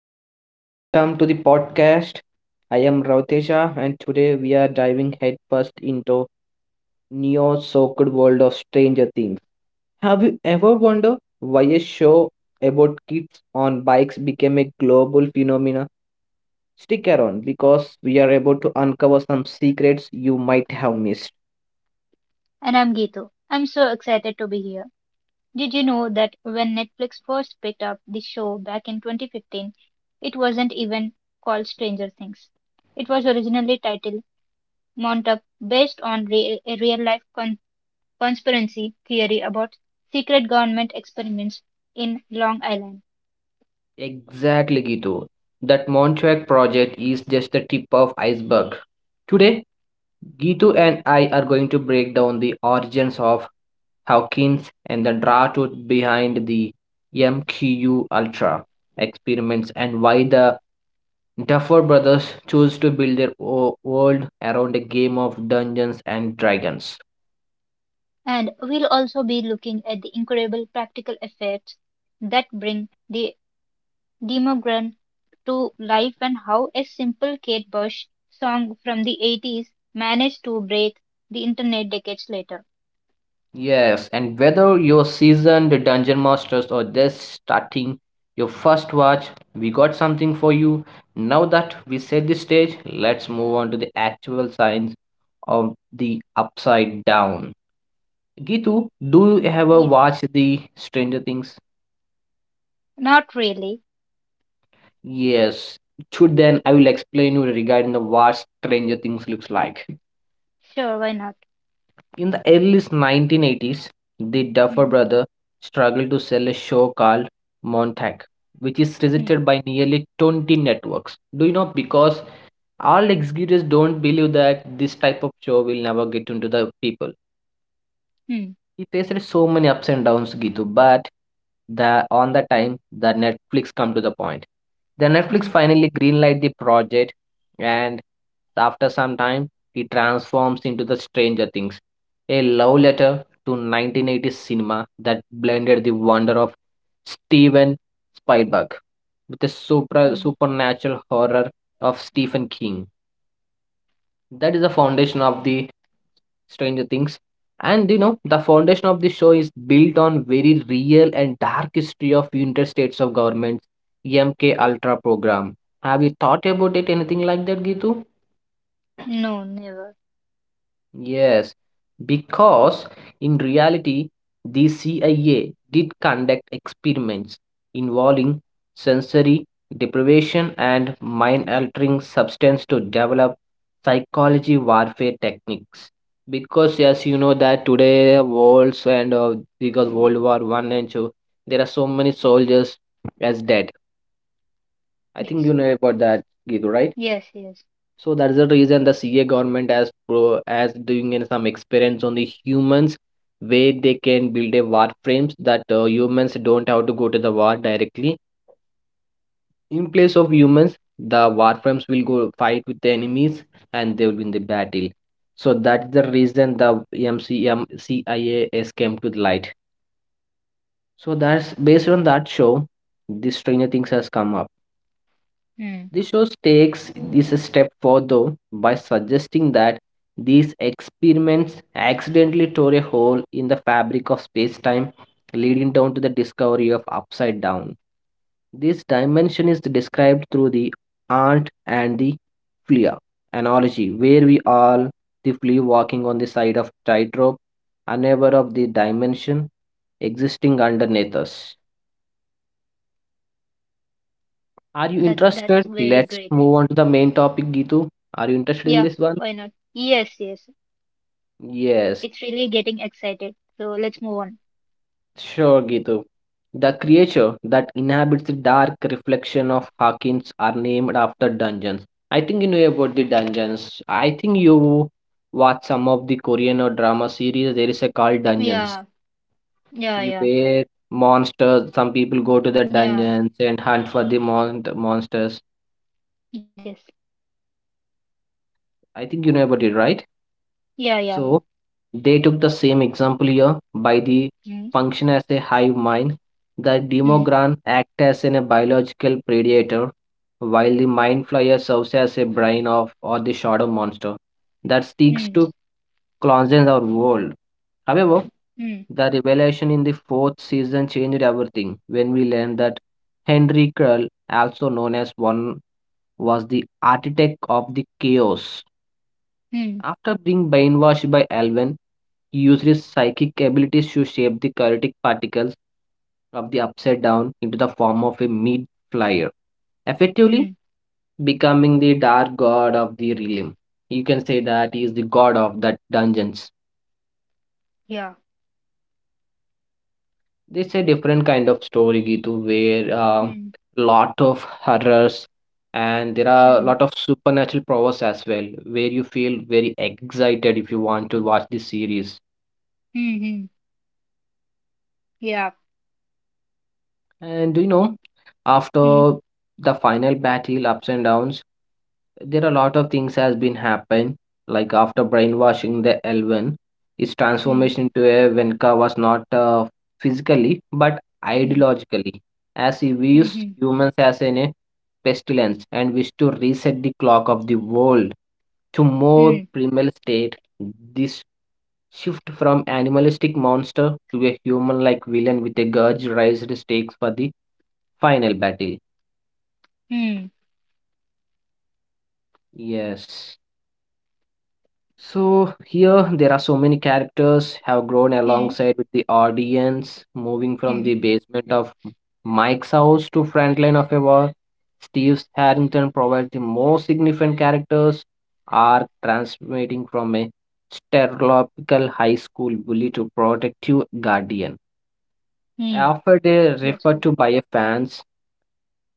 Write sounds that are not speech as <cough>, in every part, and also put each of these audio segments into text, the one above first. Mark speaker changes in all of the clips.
Speaker 1: Gitu, welcome to the podcast. I am Rautesha and today we are diving headfirst into neo-soaked world of Stranger Things. Have you ever wondered why a show about kids on bikes became a global phenomena? Stick around because we are about to uncover some secrets you might have missed.
Speaker 2: and I'm Geetu. I'm so excited to be here. Did you know that when Netflix first picked up the show back in 2015, it wasn't even called Stranger Things. It was originally titled Montauk, based on a real life conspiracy theory about secret government experiments in Long Island.
Speaker 1: Exactly, Gitu. That Montreal project is just the tip of iceberg. Today, Gitu and I are going to break down the origins of Hawkins and the draft behind the MQU Ultra experiments and why the Duffer brothers chose to build their world around a game of Dungeons and Dragons.
Speaker 2: And we'll also be looking at the incredible practical effects that bring the Demogorgon to life and how a simple Kate Bush song from the 80s managed to break the internet decades later.
Speaker 1: Yes, and whether you're seasoned dungeon masters or just starting your first watch, we got something for you. Now that we set the stage, let's move on to the actual science of the upside down. Gitu, do you ever
Speaker 2: Yes.
Speaker 1: watch the Stranger Things?
Speaker 2: Not really.
Speaker 1: Yes. Should then I will explain you regarding the what Stranger Things looks like.
Speaker 2: Sure, why not?
Speaker 1: In the early 1980s, the Duffer
Speaker 2: Hmm.
Speaker 1: brother struggled to sell a show called Montauk, which is
Speaker 2: Hmm.
Speaker 1: rejected by nearly 20 networks. Do you know? Because all executives don't believe that this type of show will never get into the people.
Speaker 2: Hmm.
Speaker 1: He faced so many ups and downs, Gitu, but the on the time the Netflix come to the point. The Netflix
Speaker 2: Hmm.
Speaker 1: finally greenlight the project and after some time he transforms into the Stranger Things, a love letter to 1980s cinema that blended the wonder of Steven Spielberg with the supra
Speaker 2: Hmm.
Speaker 1: supernatural horror of Stephen King. That is the foundation of the Stranger Things. And you know, the foundation of the show is built on very real and dark history of United States of Governments, MK Ultra program. Have you thought about it anything like that, Gitu?
Speaker 2: No, never.
Speaker 1: Yes, because in reality, the CIA did conduct experiments involving sensory deprivation and mind altering substance to develop psychology warfare techniques. Because yes, you know that today worlds and because World War One and two, there are so many soldiers as dead. I think
Speaker 2: Yes.
Speaker 1: you know about that, Gitu, right?
Speaker 2: Yes, yes.
Speaker 1: So that's the reason the CA government has pro as doing in some experiments on the humans where they can build a war frames that humans don't have to go to the war directly. In place of humans, the war frames will go fight with the enemies and they will win the battle. So that's the reason the MCM CIAS came to the light. So that's based on that show, this Stranger Things has come out.
Speaker 2: Hmm.
Speaker 1: The show takes this step further by suggesting that these experiments accidentally tore a hole in the fabric of space-time, leading down to the discovery of upside down. This dimension is described through the ant and the flea analogy, where we all the flea walking on the side of tightrope, unaware of the dimension existing underneath us. Are you
Speaker 2: That that's
Speaker 1: interested?
Speaker 2: very
Speaker 1: Let's
Speaker 2: great.
Speaker 1: move on to the main topic, Gitu. Are you interested in
Speaker 2: Yeah,
Speaker 1: this one?
Speaker 2: why not? Yes, yes.
Speaker 1: Yes,
Speaker 2: It's really getting excited. So let's move on.
Speaker 1: sure, Gitu. The creature that inhabits the dark reflection of Hawkins are named after dungeons. I think you know about the dungeons. I think you watch some of the Korean or drama series. There is a called Dungeons,
Speaker 2: Yeah. Yeah,
Speaker 1: You
Speaker 2: yeah.
Speaker 1: where monsters. Some people go to the
Speaker 2: Yeah.
Speaker 1: dungeons and hunt for the monsters.
Speaker 2: Yes.
Speaker 1: I think you know about it, right?
Speaker 2: Yeah, yeah,
Speaker 1: So they took the same example here by the
Speaker 2: yeah. Hmm.
Speaker 1: function as a hive mind. The
Speaker 2: Hmm.
Speaker 1: demogran acts as in a biological predator, while the mind flyer serves as a brain of or the shadow monster that seeks
Speaker 2: Hmm.
Speaker 1: to cleanse our world. However,
Speaker 2: Hmm.
Speaker 1: the revelation in the fourth season changed everything when we learned that Henry Krull, also known as one, was the architect of the chaos
Speaker 2: Hmm.
Speaker 1: after being brainwashed by Alvin, he used his psychic abilities to shape the chaotic particles of the upside down into the form of a meat flyer, effectively
Speaker 2: Mm,
Speaker 1: becoming the dark god of the realm. You can say that he is the god of that dungeons.
Speaker 2: yeah.
Speaker 1: This is a different kind of story, Gitu, where a
Speaker 2: Mm,
Speaker 1: lot of horrors and there are a
Speaker 2: mm,
Speaker 1: lot of supernatural powers as well, where you feel very excited if you want to watch this series.
Speaker 2: mm, mm, yeah.
Speaker 1: And do you know,
Speaker 2: Mm,
Speaker 1: after the final battle, ups and downs, there are a lot of things has been happened. Like after brainwashing the Elven, his
Speaker 2: mm,
Speaker 1: transformation to a Venka was not physically but
Speaker 2: mm,
Speaker 1: ideologically, as he views
Speaker 2: mm,
Speaker 1: humans as in a pestilence and wished to reset the clock of the world to more
Speaker 2: mm,
Speaker 1: primal state. This shift from animalistic monster to a human-like villain with a grudge raised stakes for the final battle.
Speaker 2: mm,
Speaker 1: Yes. So here there are so many characters have grown
Speaker 2: mm, mm,
Speaker 1: alongside with the audience, moving from the
Speaker 2: mm,
Speaker 1: basement of Mike's house to front line of a war. Steve Harrington provides the most significant characters are transmitting from a stereotypical high school bully to protective guardian.
Speaker 2: mm.
Speaker 1: After they
Speaker 2: That's
Speaker 1: referred
Speaker 2: right.
Speaker 1: to by a fans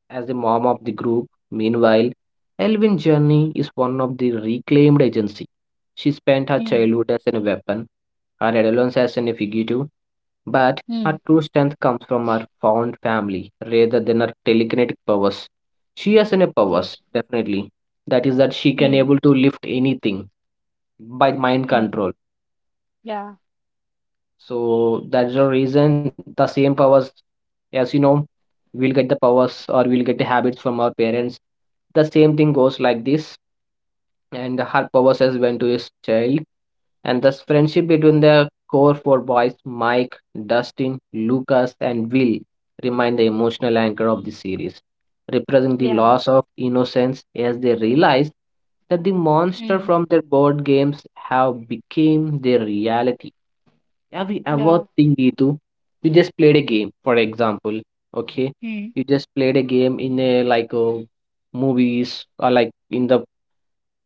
Speaker 1: as the mom of the group. Meanwhile, Elvin Journey is one of the reclaimed agency. She spent her
Speaker 2: Mm,
Speaker 1: childhood as a weapon, her adolescence as a fugitive, but her
Speaker 2: mm,
Speaker 1: true strength comes from her found family rather than her telekinetic powers. She has any powers,
Speaker 2: yes.
Speaker 1: definitely. That is that she can
Speaker 2: Mm,
Speaker 1: able to lift anything by mind
Speaker 2: mm,
Speaker 1: control.
Speaker 2: yeah,
Speaker 1: So that's the reason the same powers, as you know, we'll get the powers or we'll get the habits from our parents. The same thing goes like this, and her powers as went to his child. And thus, friendship between the core four boys, Mike, Dustin, Lucas, and Will, remain the emotional anchor of the series, representing the
Speaker 2: yeah,
Speaker 1: loss of innocence as they realize that the monster
Speaker 2: mm,
Speaker 1: from their board games have become their reality. Have you ever
Speaker 2: yeah,
Speaker 1: think, Gitu? You just played a game, for example, okay?
Speaker 2: mm,
Speaker 1: You just played a game in a like movies or like in the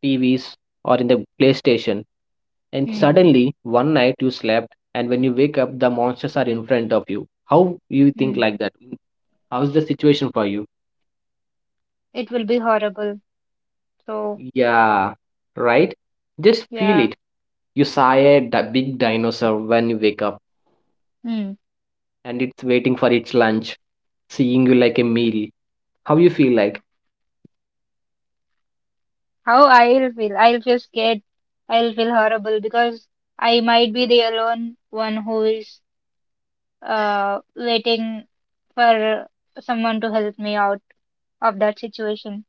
Speaker 1: TVs or in the PlayStation, and
Speaker 2: mm,
Speaker 1: suddenly one night you slept, and when you wake up, the monsters are in front of you. How you think
Speaker 2: mm.
Speaker 1: like that? How's the situation for you?
Speaker 2: It will be horrible. So,
Speaker 1: Yeah, right? Just feel
Speaker 2: yeah.
Speaker 1: it. You saw a big dinosaur when you wake up,
Speaker 2: Mm.
Speaker 1: and it's waiting for its lunch, seeing you like a meal. How you feel like?
Speaker 2: How I'll feel? I'll feel scared. I'll feel horrible because I might be the alone one who is waiting for someone to help me out of that situation.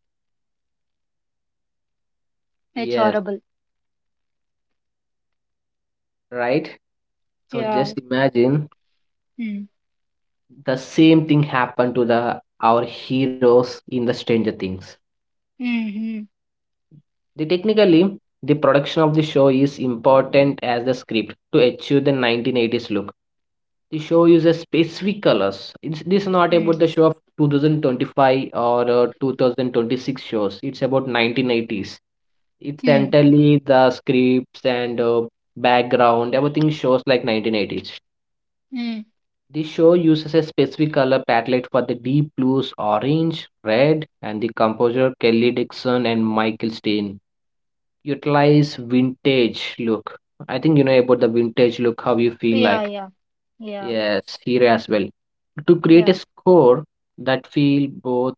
Speaker 2: It's
Speaker 1: Yes,
Speaker 2: horrible.
Speaker 1: right? So just
Speaker 2: Yeah.
Speaker 1: imagine
Speaker 2: Mm.
Speaker 1: the same thing happened to the our heroes in the Stranger Things.
Speaker 2: Mm.
Speaker 1: The technically the production of the show is important as the script to achieve the 1980s look. The show uses specific colors. It's, this is not about
Speaker 2: Mm.
Speaker 1: the show of 2025 or 2026 shows. It's about 1980s. It's
Speaker 2: Mm.
Speaker 1: entirely the scripts and background. Everything shows like 1980s.
Speaker 2: Mm.
Speaker 1: The show uses a specific color palette for the deep blues, orange, red, and the composer Kelly Dixon and Michael Stein utilize vintage look. I think you know about the vintage look, how you feel
Speaker 2: Yeah.
Speaker 1: like.
Speaker 2: Yeah. Yeah.
Speaker 1: Yes, here as well. To create a
Speaker 2: Yeah.
Speaker 1: score that feel both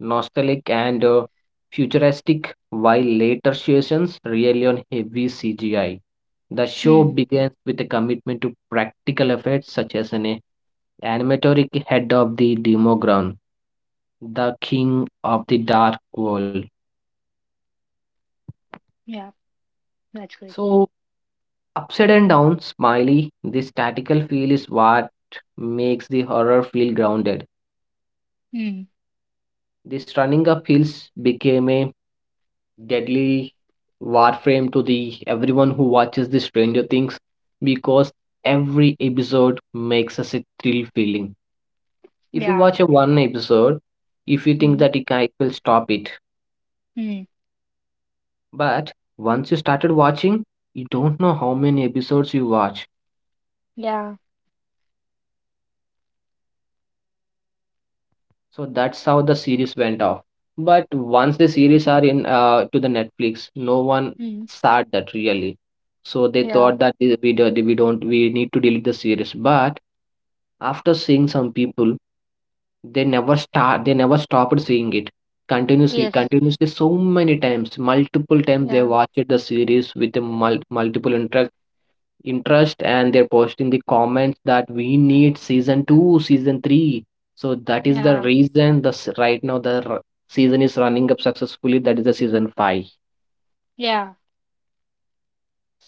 Speaker 1: nostalgic and futuristic, while later sessions rely on heavy CGI. The show
Speaker 2: Mm.
Speaker 1: begins with a commitment to practical effects such as an animatoric head of the Demogorgon, the king of the dark world.
Speaker 2: Yeah. That's great.
Speaker 1: So, upside and down, smiley, this statical feel is what makes the horror feel grounded.
Speaker 2: Mm.
Speaker 1: This running up hills became a deadly warframe to the everyone who watches the Stranger Things because every episode makes us a thrill feeling. If you
Speaker 2: Yeah.
Speaker 1: watch a one episode, if you think
Speaker 2: Mm.
Speaker 1: that it it will stop it,
Speaker 2: Mm.
Speaker 1: but once you started watching, you don't know how many episodes you watch.
Speaker 2: Yeah.
Speaker 1: So that's how the series went off. But once the series are in to the Netflix, no one
Speaker 2: Mm.
Speaker 1: said that really. So they thought
Speaker 2: Yeah.
Speaker 1: that we don't we don't- we need to delete the series. But after seeing some people, they never stopped seeing it continuously
Speaker 2: Yes.
Speaker 1: continuously so many times, multiple times they
Speaker 2: Yeah.
Speaker 1: watched the series with the multiple interest and they're posting the comments that we need season 2, season 3. So that is the
Speaker 2: Yeah.
Speaker 1: reason the right now the season is running up successfully, that is the season 5.
Speaker 2: Yeah.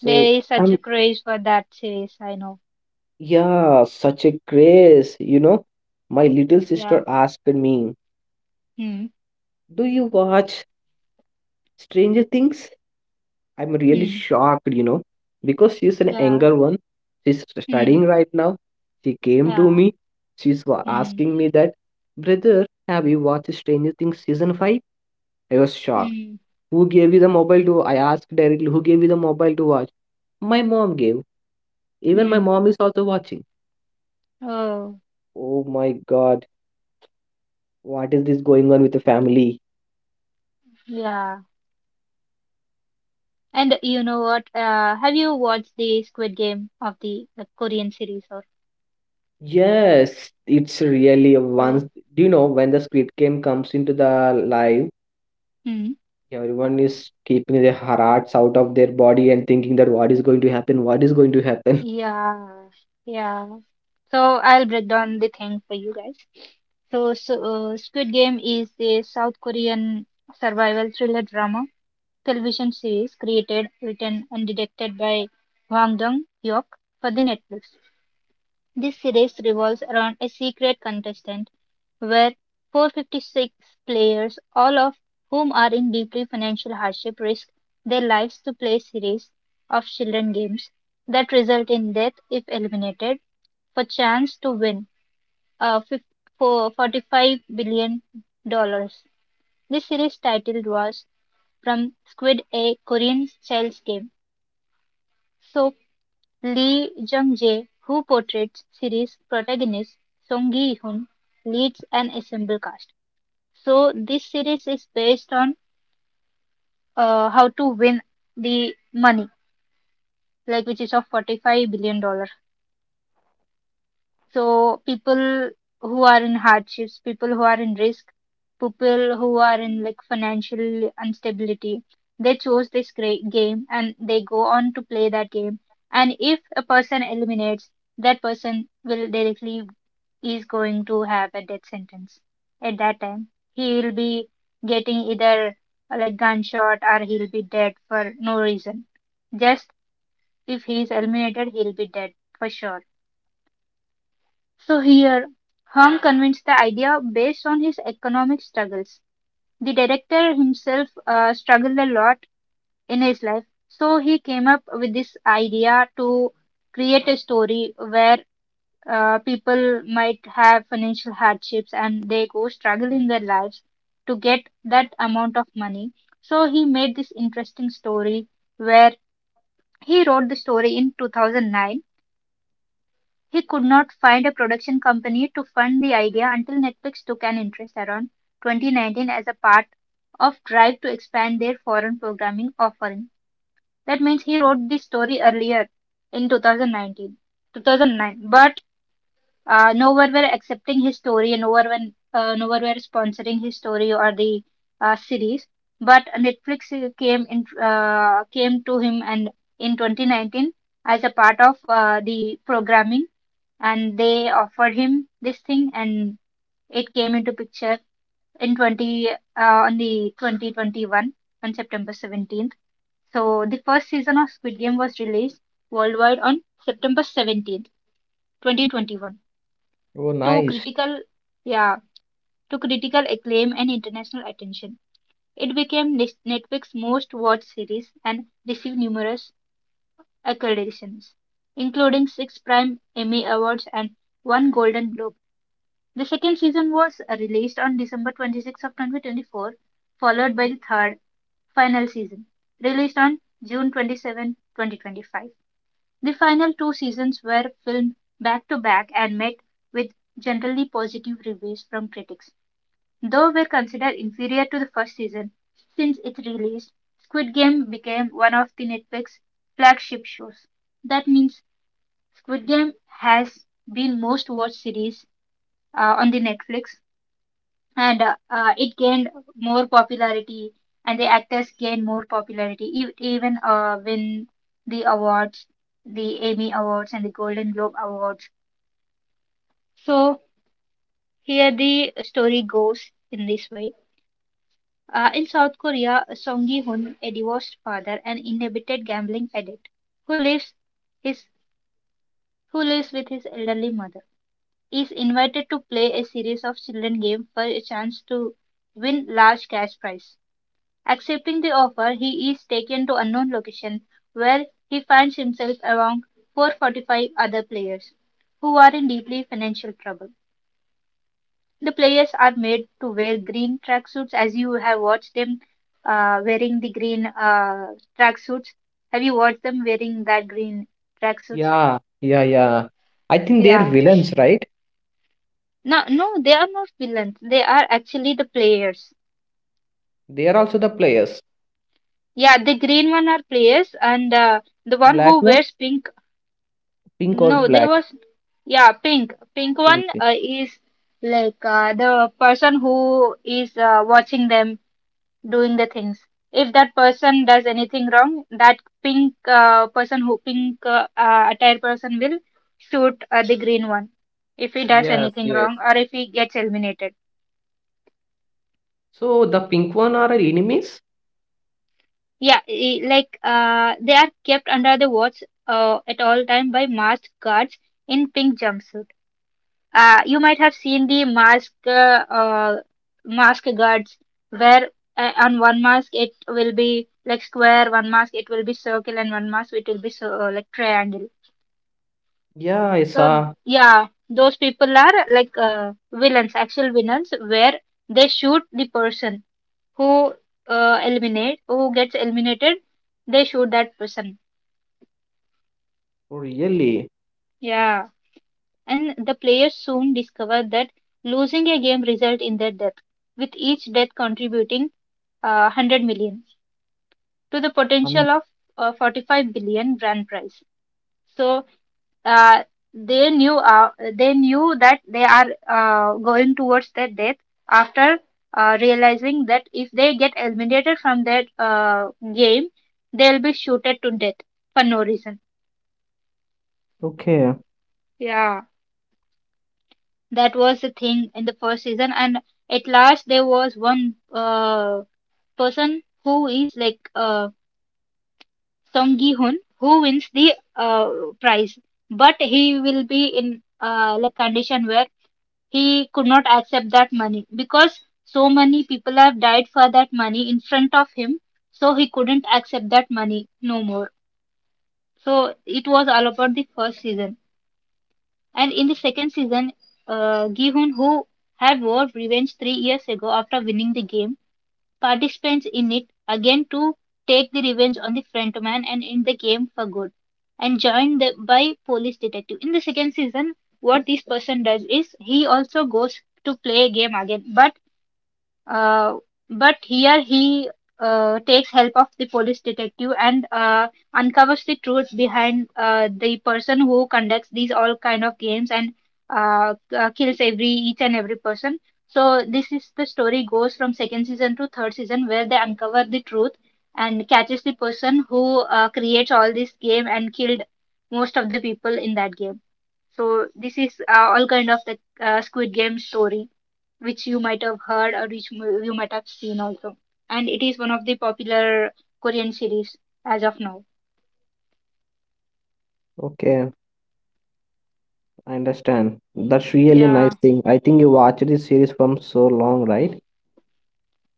Speaker 2: There is
Speaker 1: um,
Speaker 2: such a craze for that series. I know.
Speaker 1: yeah, such a craze. You know, my little sister
Speaker 2: Yeah.
Speaker 1: asked me,
Speaker 2: Mm.
Speaker 1: do you watch Stranger Things? I'm really
Speaker 2: Mm.
Speaker 1: shocked, you know, because she's an
Speaker 2: Yeah.
Speaker 1: younger one. She's studying
Speaker 2: Mm.
Speaker 1: right now. She came to
Speaker 2: Yeah.
Speaker 1: me. She's
Speaker 2: Mm.
Speaker 1: asking me that, brother, have you watched Stranger Things season 5? I was shocked.
Speaker 2: Mm.
Speaker 1: Who gave you the mobile to? I asked directly, who gave you the mobile to watch? My mom gave. Even my
Speaker 2: Hmm.
Speaker 1: mom is also watching.
Speaker 2: Oh,
Speaker 1: Oh my god, what is this going on with the family?
Speaker 2: yeah. And you know what? Have you watched the Squid Game of the Korean series or
Speaker 1: Yes, it's really a once.
Speaker 2: so?
Speaker 1: Do you know when the Squid Game comes into the live?
Speaker 2: Hmm.
Speaker 1: Yeah, everyone is keeping their hearts out of their body and thinking that what is going to happen, what is going to happen. <laughs>
Speaker 2: Yeah, yeah. So I'll break down the thing for you guys. So, Squid Game is a South Korean survival thriller drama television series created, written, and directed by Hwang Dong-hyuk for the Netflix. This series revolves around a secret contestant where 456 players, all of whom are in deeply financial hardship, risk their lives to play a series of children games that result in death if eliminated, for chance to win uh, $45 billion. Dollars. This series titled was from Squid, a Korean child's game. So Lee Jung-jae, who portrays series protagonist Song Gi-hun, leads an ensemble cast. So this series is based on how to win the money, like which is of 45 billion dollar. So people who are in hardships, people who are in risk, people who are in like financial instability, they chose this game and they go on to play that game. And if a person eliminates, that person will directly is going to have a death sentence at that time. He will be getting either like gunshot or he'll be dead for no reason. Just if he is eliminated, he'll be dead for sure. So here, Hong convinced the idea based on his economic struggles. The director himself struggled a lot in his life, so he came up with this idea to create a story where people might have financial hardships and they go struggle in their lives to get that amount of money. So he made this interesting story where he wrote the story in 2009. He could not find a production company to fund the idea until Netflix took an interest around 2019 as a part of drive to expand their foreign programming offering. That means he wrote the story earlier in 2009, but nowhere were accepting his story, nowhere were sponsoring his story or the series. But Netflix came to him and in 2019 as a part of the programming, and they offered him this thing, and it came into picture in 20 uh, on the 2021 on September 17th. So the first season of Squid Game was released worldwide on September 17th, 2021,
Speaker 1: Oh,
Speaker 2: to
Speaker 1: nice.
Speaker 2: critical yeah to critical acclaim and international attention. It became Netflix's most watched series and received numerous acclamations, including six prime Emmy Awards and one Golden Globe. The second season was released on December 26th of 2024, followed by the third, final season, released on June 27, 2025. The final two seasons were filmed back to back and met with generally positive reviews from critics, though were considered inferior to the first season. Since its release, Squid Game became one of the Netflix flagship shows. That means Squid Game has been most watched series on the Netflix, and it gained more popularity, and the actors gained more popularity even win the awards, the Emmy Awards and the Golden Globe Awards. So here the story goes in this way. In South Korea, Song Gi-hun, a divorced father, an inhibited gambling addict who his lives with his elderly mother, is invited to play a series of children games for a chance to win large cash prize. Accepting the offer, he is taken to unknown location, where he finds himself among 445 other players who are in deeply financial trouble. The players are made to wear green tracksuits, as you have watched them wearing the green tracksuits. Have you watched them wearing that green tracksuits?
Speaker 1: Yeah, yeah, yeah. I think they are
Speaker 2: Yeah.
Speaker 1: villains, right?
Speaker 2: No, no, they are not villains. They are actually the players.
Speaker 1: They are also the players.
Speaker 2: Yeah, the green one are players, and the one
Speaker 1: Black
Speaker 2: who
Speaker 1: one,
Speaker 2: wears pink.
Speaker 1: pink or
Speaker 2: No, there
Speaker 1: black?
Speaker 2: was, yeah, pink. Pink
Speaker 1: Pink,
Speaker 2: one
Speaker 1: pink.
Speaker 2: is like the person who is watching them doing the things. If that person does anything wrong, that pink person who pink attire person will shoot the green one. If he does
Speaker 1: Yes,
Speaker 2: anything
Speaker 1: yes.
Speaker 2: wrong or if he gets eliminated.
Speaker 1: So the pink one are our enemies?
Speaker 2: Yeah, like they are kept under the watch at all time by masked guards in pink jumpsuits. You might have seen the mask guards where on one mask it will be like square, one mask it will be circle, and one mask it will be so, like triangle.
Speaker 1: Yeah, I
Speaker 2: So
Speaker 1: saw.
Speaker 2: yeah, those people are like villains, actual villains, where they shoot the person who eliminate who gets eliminated. They shoot that person.
Speaker 1: Oh, really?
Speaker 2: Yeah, and the players soon discover that losing a game result in their death, with each death contributing 100 million to the
Speaker 1: Um,
Speaker 2: potential of 45 billion brand price. So uh, they knew that they are going towards their death after realizing that if they get eliminated from that game, they'll be shooted to death for no reason.
Speaker 1: okay,
Speaker 2: Yeah, that was the thing in the first season. And at last there was one person who is like Song Gi-hun, who wins the prize. But he will be in like condition where he could not accept that money because so many people have died for that money in front of him. So he couldn't accept that money no more. So it was all about the first season. And in the second season, Gi-hun, who had vowed revenge 3 years ago after winning the game, participants in it again to take the revenge on the frontman and end the game for good. And by police detective. In the second season, what this person does is he also goes to play a game again, uh, but here he takes help of the police detective and uncovers the truth behind the person who conducts these all kind of games and kills every each and every person. So this is the story goes from second season to third season where they uncover the truth and catches the person who creates all this game and killed most of the people in that game. So this is all kind of the Squid Game story which you might have heard or which you might have seen also. And it is one of the popular Korean series as of now.
Speaker 1: okay, I understand. That's really nice
Speaker 2: Yeah.
Speaker 1: thing. I think you watched this series from so long, right?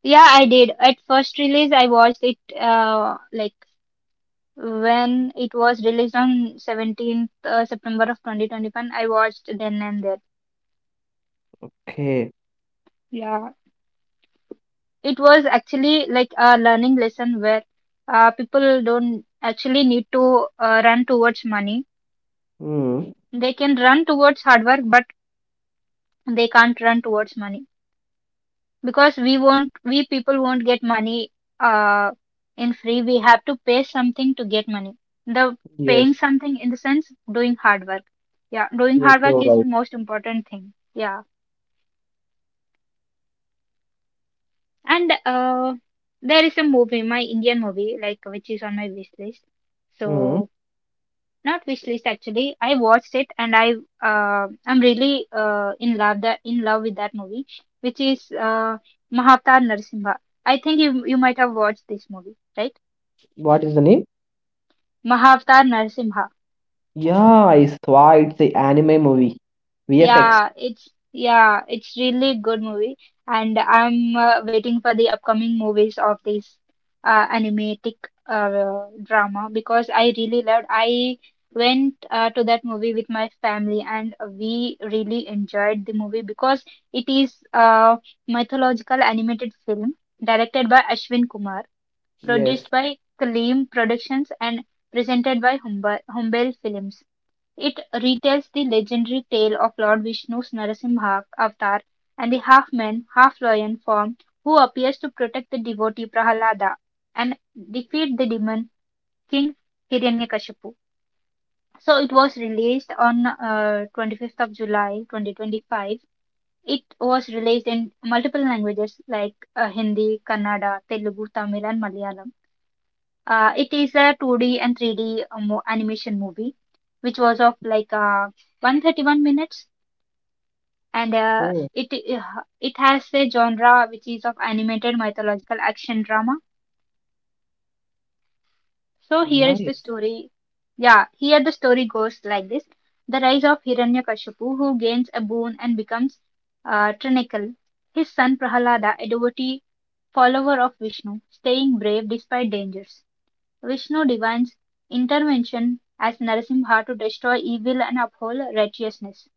Speaker 2: Yeah, I did. At first release, I watched it like when it was released on 17th September of 2021. I watched then and there.
Speaker 1: Okay.
Speaker 2: Yeah. It was actually like a learning lesson where people don't actually need to run towards money.
Speaker 1: Hmm.
Speaker 2: They can run towards hard work, but they can't run towards money because we won't we people won't get money uh in free. We have to pay something to get money. The paying
Speaker 1: Yes.
Speaker 2: something in the sense doing hard work. Yeah, doing
Speaker 1: Yes,
Speaker 2: hard work
Speaker 1: you're
Speaker 2: is the
Speaker 1: right.
Speaker 2: most important thing. Yeah, and there is a movie, my Indian movie, like which is on my wish list.
Speaker 1: Hmm.
Speaker 2: So not wish list actually, I watched it, and I'm really in love with that movie, which is Mahavatar Narasimha. I think you might have watched this movie, right?
Speaker 1: What is the name?
Speaker 2: Mahavatar Narsimha.
Speaker 1: Yeah, I saw it's an anime movie. VFX.
Speaker 2: Yeah, it's really good movie, and I'm waiting for the upcoming movies of this animatic drama because I really loved. I went to that movie with my family, and we really enjoyed the movie because it is a mythological animated film directed by Ashwin Kumar,
Speaker 1: Yes.
Speaker 2: produced by Kaleem Productions, and presented by Humber Humbel Films. It retells the legendary tale of Lord Vishnu's Narasimha avatar and the half man, half lion form who appears to protect the devotee Prahalada and defeat the demon king Hiranyakashipu. So it was released on 25th of July 2025. It was released in multiple languages like Hindi, Kannada, Telugu, Tamil, and Malayalam. It is a 2D and animation movie, which was of like 131 minutes and uh,
Speaker 1: Hmm.
Speaker 2: it it has a genre which is of animated mythological action drama. So here is the
Speaker 1: Nice.
Speaker 2: story. Yeah, here the story goes like this: the rise of Hiranyakashipu, who gains a boon and becomes Trinakul. His son Prahalada, a devotee follower of Vishnu, staying brave despite dangers. Vishnu divines intervention as Narasimha to destroy evil and uphold righteousness.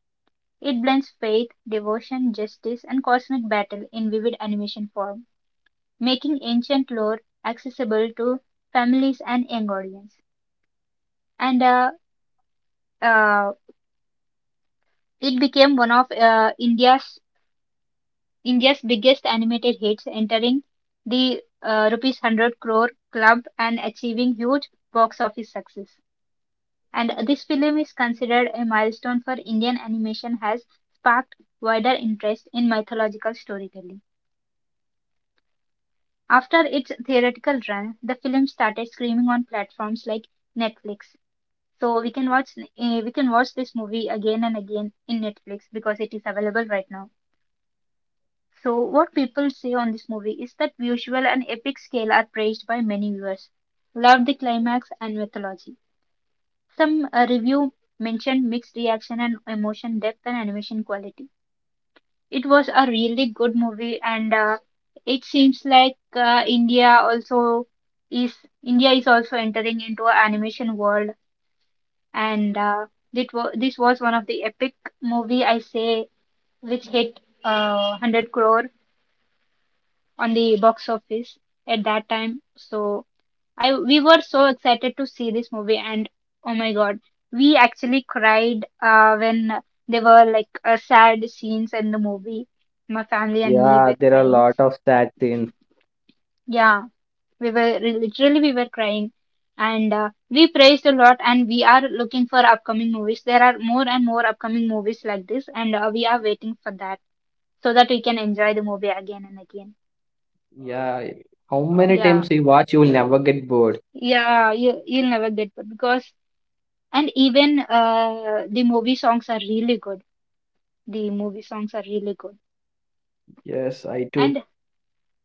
Speaker 2: It blends faith, devotion, justice, and cosmic battle in vivid animation form, making ancient lore accessible to families and young audience. And uh, uh, it became one of India's biggest animated hits, entering the rupees 100 crore club and achieving huge box office success. And this film is considered a milestone for Indian animation, has sparked wider interest in mythological storytelling. After its theoretical run, the film started streaming on platforms like Netflix. So we can watch this movie again and again in Netflix because it is available right now. So what people say on this movie is that visual and epic scale are praised by many viewers. Love the climax and mythology. Some review mentioned mixed reaction and emotion depth and animation quality. It was a really good movie, and it seems like India also is India is also entering into an animation world, and uh, this was one of the epic movie I say which hit 100 crore on the box office at that time. So I we were so excited to see this movie, and oh my God, we actually cried when there were like sad scenes in the movie. My family and me
Speaker 1: Yeah,
Speaker 2: were
Speaker 1: there are a
Speaker 2: crying.
Speaker 1: lot of sad scenes.
Speaker 2: Yeah, we were literally we were crying, and we praised a lot. And we are looking for upcoming movies. There are more and more upcoming movies like this, and we are waiting for that so that we can enjoy the movie again and again.
Speaker 1: Yeah. How many
Speaker 2: Yeah,
Speaker 1: times you watch, you will never get bored.
Speaker 2: yeah, you'll never get bored because and even the movie songs are really good the movie songs are really good.
Speaker 1: Yes, I too.
Speaker 2: And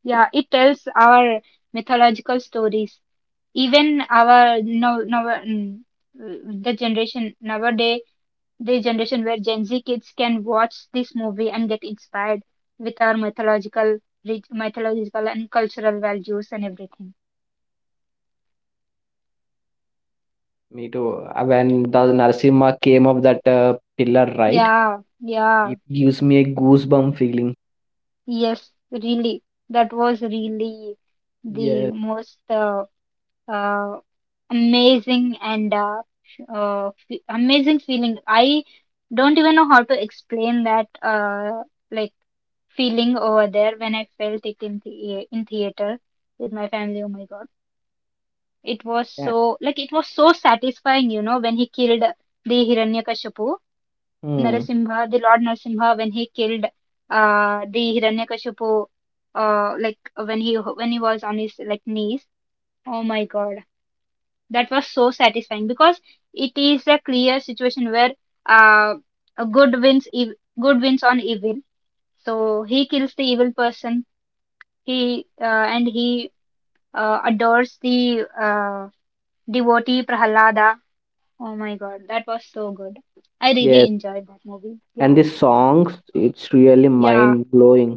Speaker 2: yeah, it tells our mythological stories, even our the generation nowadays, the generation where gen Z kids can watch this movie and get inspired with our mythological rich mythological and cultural values and everything.
Speaker 1: Me too. When the Narsimha came up that pillar, right?
Speaker 2: Yeah, yeah.
Speaker 1: It gives me a goosebump feeling.
Speaker 2: Yes, really, that was really the
Speaker 1: Yes.
Speaker 2: most uh, amazing and amazing feeling. I don't even know how to explain that like feeling over there when I felt it in the in theater with my family. Oh my God, it was
Speaker 1: Yeah.
Speaker 2: so like it was so satisfying, you know, when he killed the Hiranyakashipu,
Speaker 1: Hmm.
Speaker 2: Narasimha, the Lord Narasimha, when he killed the Hiranyakashipu. Like when he was on his like knees. Oh my God, that was so satisfying because it is a clear situation where uh, a good wins ev- good wins on evil, so he kills the evil person. He uh, and he uh, adores the uh, devotee Prahalada. Oh my God, that was so good. I really
Speaker 1: Yes.
Speaker 2: enjoyed that movie.
Speaker 1: And
Speaker 2: Yeah,
Speaker 1: the songs, it's really
Speaker 2: yeah,
Speaker 1: mind blowing.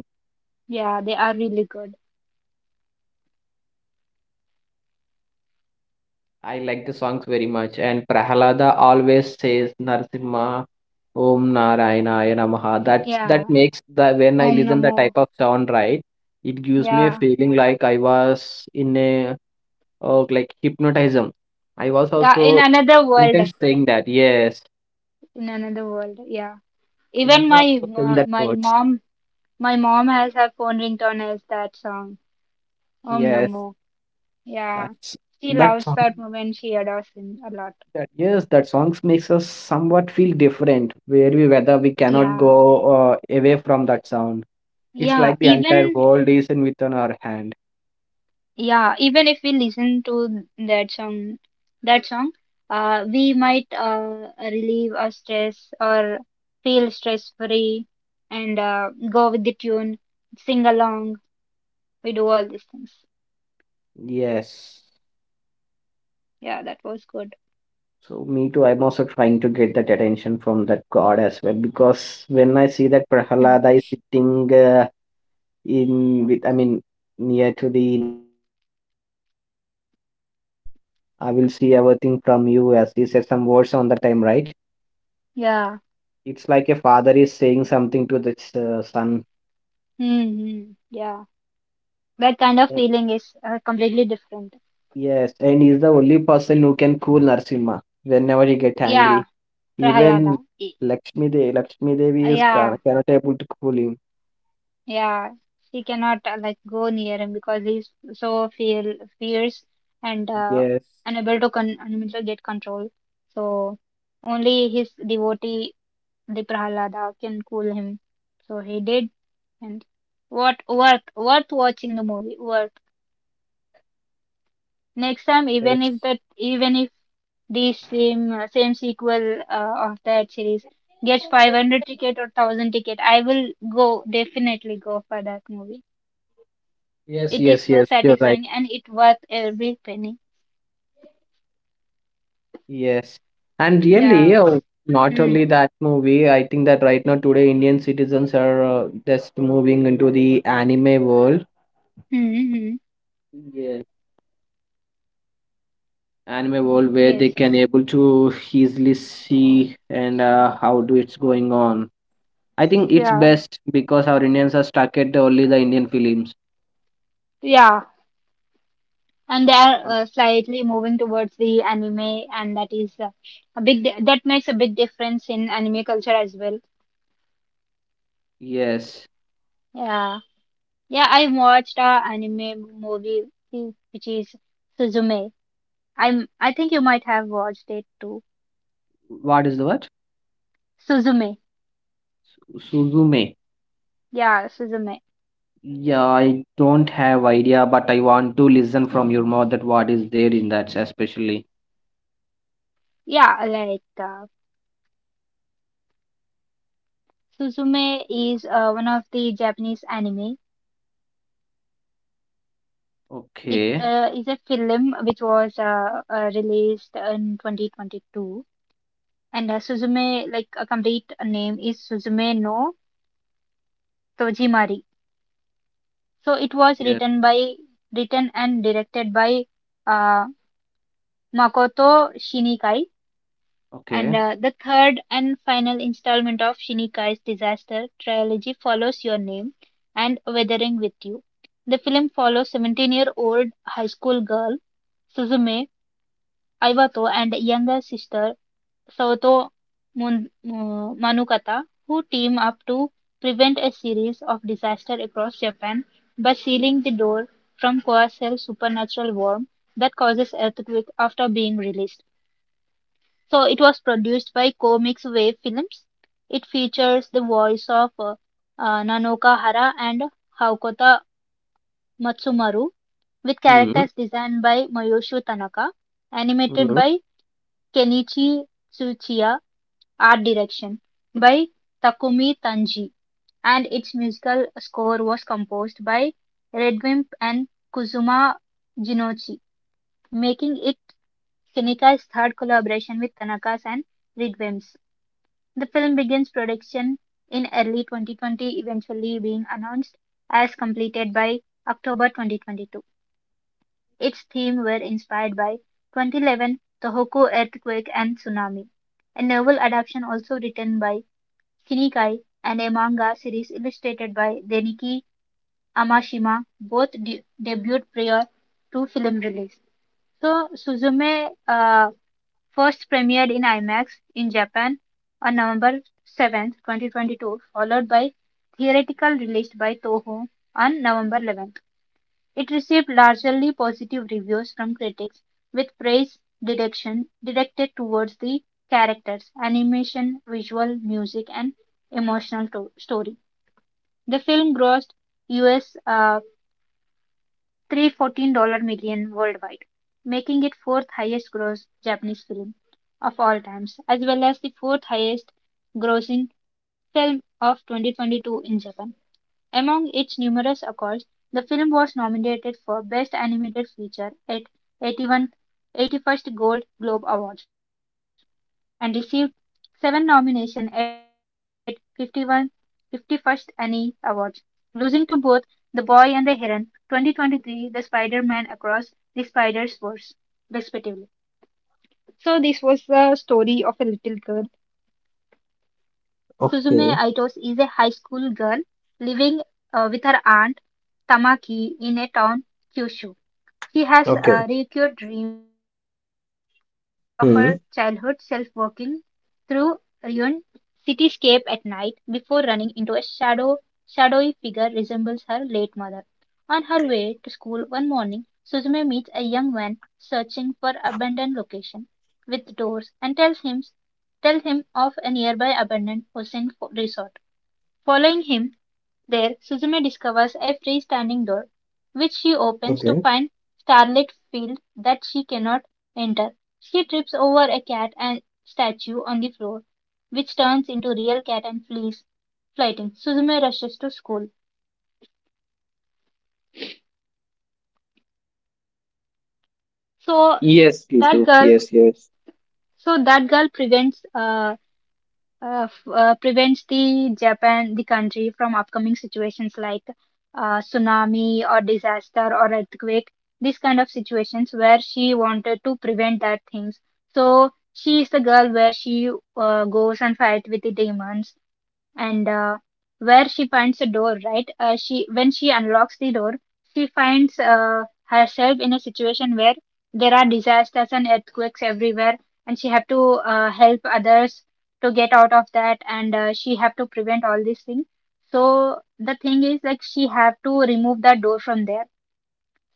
Speaker 2: yeah, they are really good.
Speaker 1: I like the songs very much. And Prahalada always says Narasimha Om Narayanaya Namaha. That's
Speaker 2: Yeah,
Speaker 1: that makes the when I
Speaker 2: om
Speaker 1: listen the
Speaker 2: namo.
Speaker 1: type of sound, right, it gives me a
Speaker 2: Yeah,
Speaker 1: feeling like I was in a, oh, like hypnotism. I was
Speaker 2: yeah, in
Speaker 1: also
Speaker 2: another world.
Speaker 1: intense saying that. Yes,
Speaker 2: In another world, yeah.
Speaker 1: I
Speaker 2: Even
Speaker 1: was
Speaker 2: my
Speaker 1: also saying
Speaker 2: uh,
Speaker 1: that
Speaker 2: my
Speaker 1: words.
Speaker 2: mom. My mom has her phone ringtone as that song. Om
Speaker 1: Yes,
Speaker 2: Namo. Yeah.
Speaker 1: that's
Speaker 2: She
Speaker 1: that
Speaker 2: loves that
Speaker 1: song.
Speaker 2: moment. She adores him a lot.
Speaker 1: That, yes, that songs makes us somewhat feel different. Where we whether we cannot
Speaker 2: Yeah.
Speaker 1: go away from that sound. It's
Speaker 2: Yeah.
Speaker 1: like the entire
Speaker 2: Even
Speaker 1: world is in within our hand.
Speaker 2: yeah, even if we listen to that song, that song, uh, we might uh, relieve our stress or feel stress free and go with the tune, sing along. We do all these things.
Speaker 1: Yes.
Speaker 2: Yeah, that was good.
Speaker 1: So me too. I'm also trying to get that attention from that god as well because when I see that
Speaker 2: Hmm.
Speaker 1: Prahalada is sitting in, with I mean near to the Narasimha, he says that you are my world. I will see everything from you, as he said some words on the time, right?
Speaker 2: Yeah.
Speaker 1: It's like a father is saying something to this son.
Speaker 2: Hmm, hmm. Yeah. That kind of
Speaker 1: Uh,
Speaker 2: feeling is completely different.
Speaker 1: Yes, and he's the only person who can cool Narasimha whenever he get
Speaker 2: Yeah,
Speaker 1: angry.
Speaker 2: Prahalada.
Speaker 1: Even Lakshmi Devi, Lakshmi Devi is can,
Speaker 2: Yeah,
Speaker 1: cannot able to cool him.
Speaker 2: yeah. She cannot like go near him because he's so fear fierce and
Speaker 1: Yes,
Speaker 2: unable to get control. So only his devotee, the Prahalada, can cool him. So he did, and what worth watching the movie. Worth next time, even
Speaker 1: yes,
Speaker 2: if that even if the same same sequel of that series gets 500 ticket or 1000 ticket, I will go definitely go for that movie.
Speaker 1: yes,
Speaker 2: It is
Speaker 1: yes,
Speaker 2: so
Speaker 1: yes. You're right.
Speaker 2: satisfying and it worth every penny.
Speaker 1: Yes, and really,
Speaker 2: Yeah.
Speaker 1: not
Speaker 2: Mm.
Speaker 1: only that movie. I think that right now today Indian citizens are just moving into the anime world.
Speaker 2: Mm-hmm.
Speaker 1: Yes, anime world where they
Speaker 2: Yes,
Speaker 1: can able to easily see and how do it's going on. I think it's
Speaker 2: yeah,
Speaker 1: best because our Indians are stuck at only the Indian films.
Speaker 2: yeah, and they are
Speaker 1: But
Speaker 2: slightly moving towards the anime, and that is that makes a big difference in anime culture as well.
Speaker 1: yes.
Speaker 2: Yeah, yeah, I watched a anime movie which is Suzume. I think you might have watched it too.
Speaker 1: What is the word?
Speaker 2: Suzume.
Speaker 1: Suzume.
Speaker 2: Yeah, Suzume.
Speaker 1: Yeah, I don't have idea, but I want to listen from your mouth that what is there in that, especially.
Speaker 2: Yeah, like Suzume is one of the Japanese anime. It
Speaker 1: Okay.
Speaker 2: is a film which was released in 2022, and Suzume like a complete name is Suzume no Tojimari. So it was
Speaker 1: Yeah.
Speaker 2: written and directed by uh, Makoto Shinikai. And
Speaker 1: Okay.
Speaker 2: the third and final installment of Shinnikai's disaster trilogy follows Your Name and Weathering with You. The film follows 17-year-old high school girl Suzume Aiwato and younger sister Saoto Manukata, who team up to prevent a series of disasters across Japan by sealing the door from Coacel's supernatural worm that causes earthquake after being released. So it was produced by Comics Wave Films. It features the voice of Nanoka Hara and Haukota Matsumaru, with
Speaker 1: Hmm.
Speaker 2: characters designed by Mayoshu Tanaka, animated
Speaker 1: Hmm.
Speaker 2: by Kenichi Tsuchiya, art direction by Takumi Tanji, and its musical score was composed by Redwimp and Kuzuma Jinochi, making it Shinika's third collaboration with Tanaka's and Redwimp's. The film begins production in early 2020, eventually being announced as completed by October 2022. Its themes were inspired by 2011 Tohoku earthquake and tsunami. A novel adaptation also written by Shinikai and a manga series illustrated by Deniki Amashima both debuted prior to film release. So Suzume first premiered in ImaX in Japan on November 7th, 2022, followed by theatrical release by Toho on November 11th. It received largely positive reviews from critics, with praise direction directed towards the characters, animation, visual, music, and story. The film grossed US Three hundred fourteen million fourteen worldwide, making it fourth highest gross Japanese film of all times, as well as the fourth highest grossing film of 2022 in Japan. Among its numerous accolades, the film was nominated for Best Animated Feature at the 81st Gold Globe Awards and received seven nominations at 51 51st Annie Awards, losing to both The Boy and the Heron 2023, The Spider-Man Across the Spider-Verse, respectively. So this was the story of a little girl.
Speaker 1: Okay,
Speaker 2: Suzume Aitos is a high school girl living with her aunt Tamaki in a town Kyushu. She
Speaker 1: okay.
Speaker 2: has recurred dreams of her childhood self
Speaker 1: Hmm,
Speaker 2: walking through ruined cityscape at night before running into a shadowy figure resembles her late mother. On her way to school one morning, Suzume meets a young man searching for abandoned location with doors and tell him of a nearby abandoned ocean resort. Following him, there, Suzume discovers a freestanding door, which she opens to
Speaker 1: okay.
Speaker 2: find starlit field that she cannot enter. She trips over a cat and statue on the floor, which turns into real cat and flees, flighting. Suzume rushes to school. So
Speaker 1: Yes, Gitu.
Speaker 2: that girl,
Speaker 1: Yes, yes.
Speaker 2: that girl prevents prevents the Japan, the country, from upcoming situations like tsunami or disaster or earthquake. These kind of situations where she wanted to prevent that things. So she is the girl where she goes and fight with the demons, and where she finds a door, right? She when she unlocks the door, she finds herself in a situation where there are disasters and earthquakes everywhere, and she have to help others to get out of that, and she have to prevent all these things. So the thing is like she have to remove that door from there.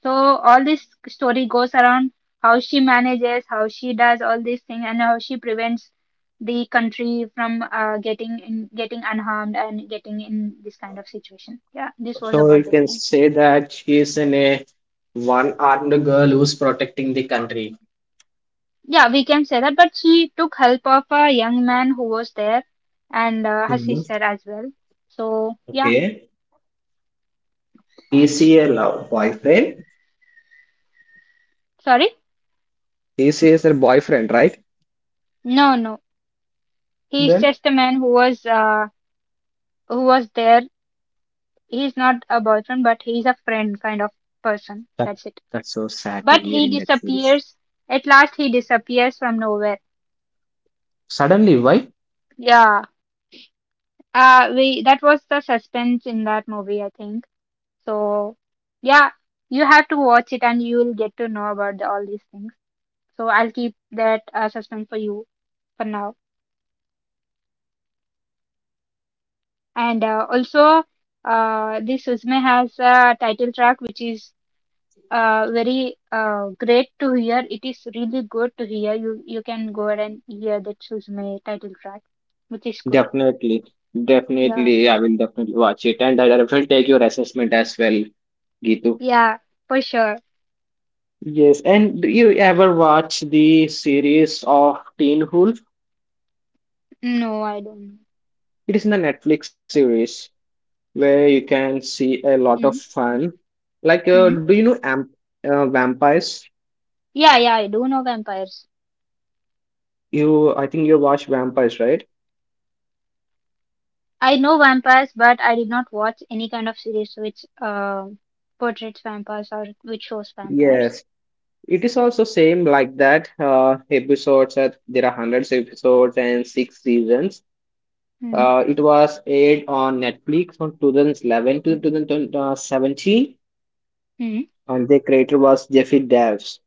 Speaker 2: So all this story goes around how she manages, how she does all these things, and how she prevents the country from getting unharmed and getting in this kind of situation. Yeah, this was
Speaker 1: So you
Speaker 2: about this
Speaker 1: can
Speaker 2: thing.
Speaker 1: say that she is in a one armed girl who's protecting the country.
Speaker 2: Yeah, we can say that. But she took help of a young man who was there, and her
Speaker 1: Hmm.
Speaker 2: sister as well. So yeah,
Speaker 1: Okay. Is he a love boyfriend?
Speaker 2: sorry,
Speaker 1: Is he is her boyfriend, right?
Speaker 2: no, no, he's
Speaker 1: Then.
Speaker 2: just a man who was there. He's not a boyfriend, but he's a friend kind of person.
Speaker 1: That,
Speaker 2: That's it.
Speaker 1: that's so sad to
Speaker 2: But
Speaker 1: hear
Speaker 2: he
Speaker 1: in that series.
Speaker 2: disappears. At last, he disappears from nowhere.
Speaker 1: Suddenly, why?
Speaker 2: Yeah. We that was the suspense in that movie, I think. So, yeah, you have to watch it, and you will get to know about all these things. So I'll keep that suspense for you for now. And also, this Suzume has a title track which is very great to hear. It is really good to hear. You can go ahead and hear that Suzume title track, which is good.
Speaker 1: Definitely,
Speaker 2: Yeah.
Speaker 1: definitely, I will definitely watch it, and I will take your assessment as well, Gitu.
Speaker 2: Yeah, for sure.
Speaker 1: Yes, and do you ever watch the series of Teen Wolf?
Speaker 2: No, I don't know.
Speaker 1: It is in the Netflix series where you can see a lot of
Speaker 2: Mm.
Speaker 1: fun. Like, do
Speaker 2: Mm.
Speaker 1: you know Amp, Vampires?
Speaker 2: Yeah, yeah, I do know vampires.
Speaker 1: You, I think you watch Vampires, right?
Speaker 2: I know vampires, but I did not watch any kind of series which portrays vampires or which shows vampires.
Speaker 1: Yes, it is also same like that. Episodes that there are hundreds of episodes and 6 seasons.
Speaker 2: Mm.
Speaker 1: It was aired on Netflix from 2011 to 2017,
Speaker 2: Mm.
Speaker 1: and the creator was Jeffy Davis.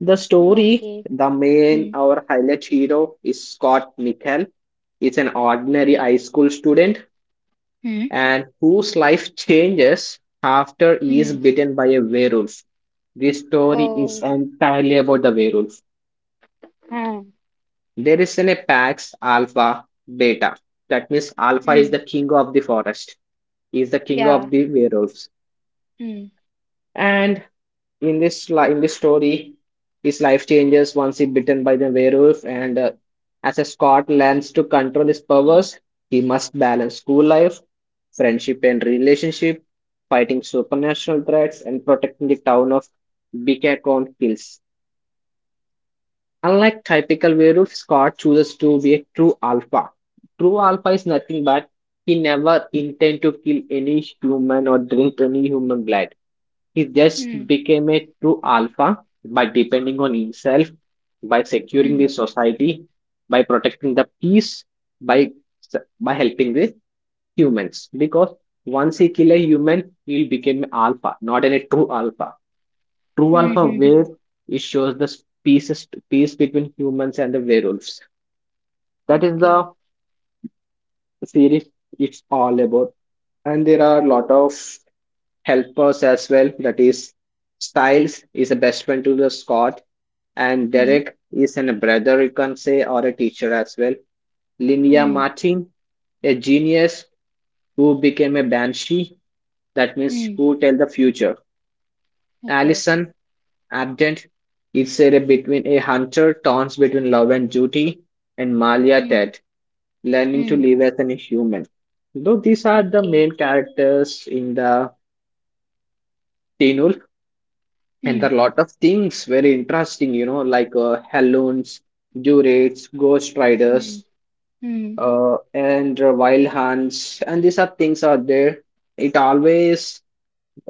Speaker 1: The story,
Speaker 2: Okay.
Speaker 1: the main
Speaker 2: Mm.
Speaker 1: our highlight hero is Scott Michael. He's an ordinary high school student
Speaker 2: Mm.
Speaker 1: and whose life changes after he is
Speaker 2: Mm.
Speaker 1: bitten by a werewolf. This story is
Speaker 2: Oh.
Speaker 1: entirely about the werewolf.
Speaker 2: Huh.
Speaker 1: There is an apex alpha beta. That means alpha is
Speaker 2: Mm.
Speaker 1: the king of the forest. He is the king of
Speaker 2: Yeah.
Speaker 1: the werewolves.
Speaker 2: Mm.
Speaker 1: And in this story, his life changes once he bitten by the werewolf. And as a Scot learns to control his powers, he must balance school life, friendship and relationship, fighting supernatural threats, and protecting the town of Beacon Hills. Unlike typical werewolf, Scott chooses to be a true alpha. True alpha is nothing but he never intend to kill any human or drink any human blood. He just
Speaker 2: Mm.
Speaker 1: became a true alpha by depending on himself, by securing the
Speaker 2: Mm.
Speaker 1: society, by protecting the peace, by by helping the humans. Because once he kill a human, he will become an alpha, not a true alpha. True
Speaker 2: Mm.
Speaker 1: Alpha
Speaker 2: Mm.
Speaker 1: wave.
Speaker 2: Mm.
Speaker 1: It shows the peace between humans and the werewolves. That is
Speaker 2: Okay.
Speaker 1: the series it's all about. And there are a lot of helpers as well. That is Styles is a best friend to the Scott, and
Speaker 2: Mm.
Speaker 1: Derek is an, a brother you can say or a teacher as well. Linnea
Speaker 2: Mm.
Speaker 1: Martin, a genius who became a banshee, that means
Speaker 2: Mm.
Speaker 1: who tell the future.
Speaker 2: Okay.
Speaker 1: Allison Abdent is said between a hunter, taunts between love and duty, and Malia
Speaker 2: Mm.
Speaker 1: Tet, learning to
Speaker 2: Mm.
Speaker 1: live as an human. Though these are the
Speaker 2: Okay.
Speaker 1: main characters in the Teenul, and
Speaker 2: Mm.
Speaker 1: there are a lot of things very interesting, you know, like Helluns, Durates, Ghost
Speaker 2: Mm.
Speaker 1: Riders,
Speaker 2: Mm.
Speaker 1: and Wild Hunts, and these are things are there. It always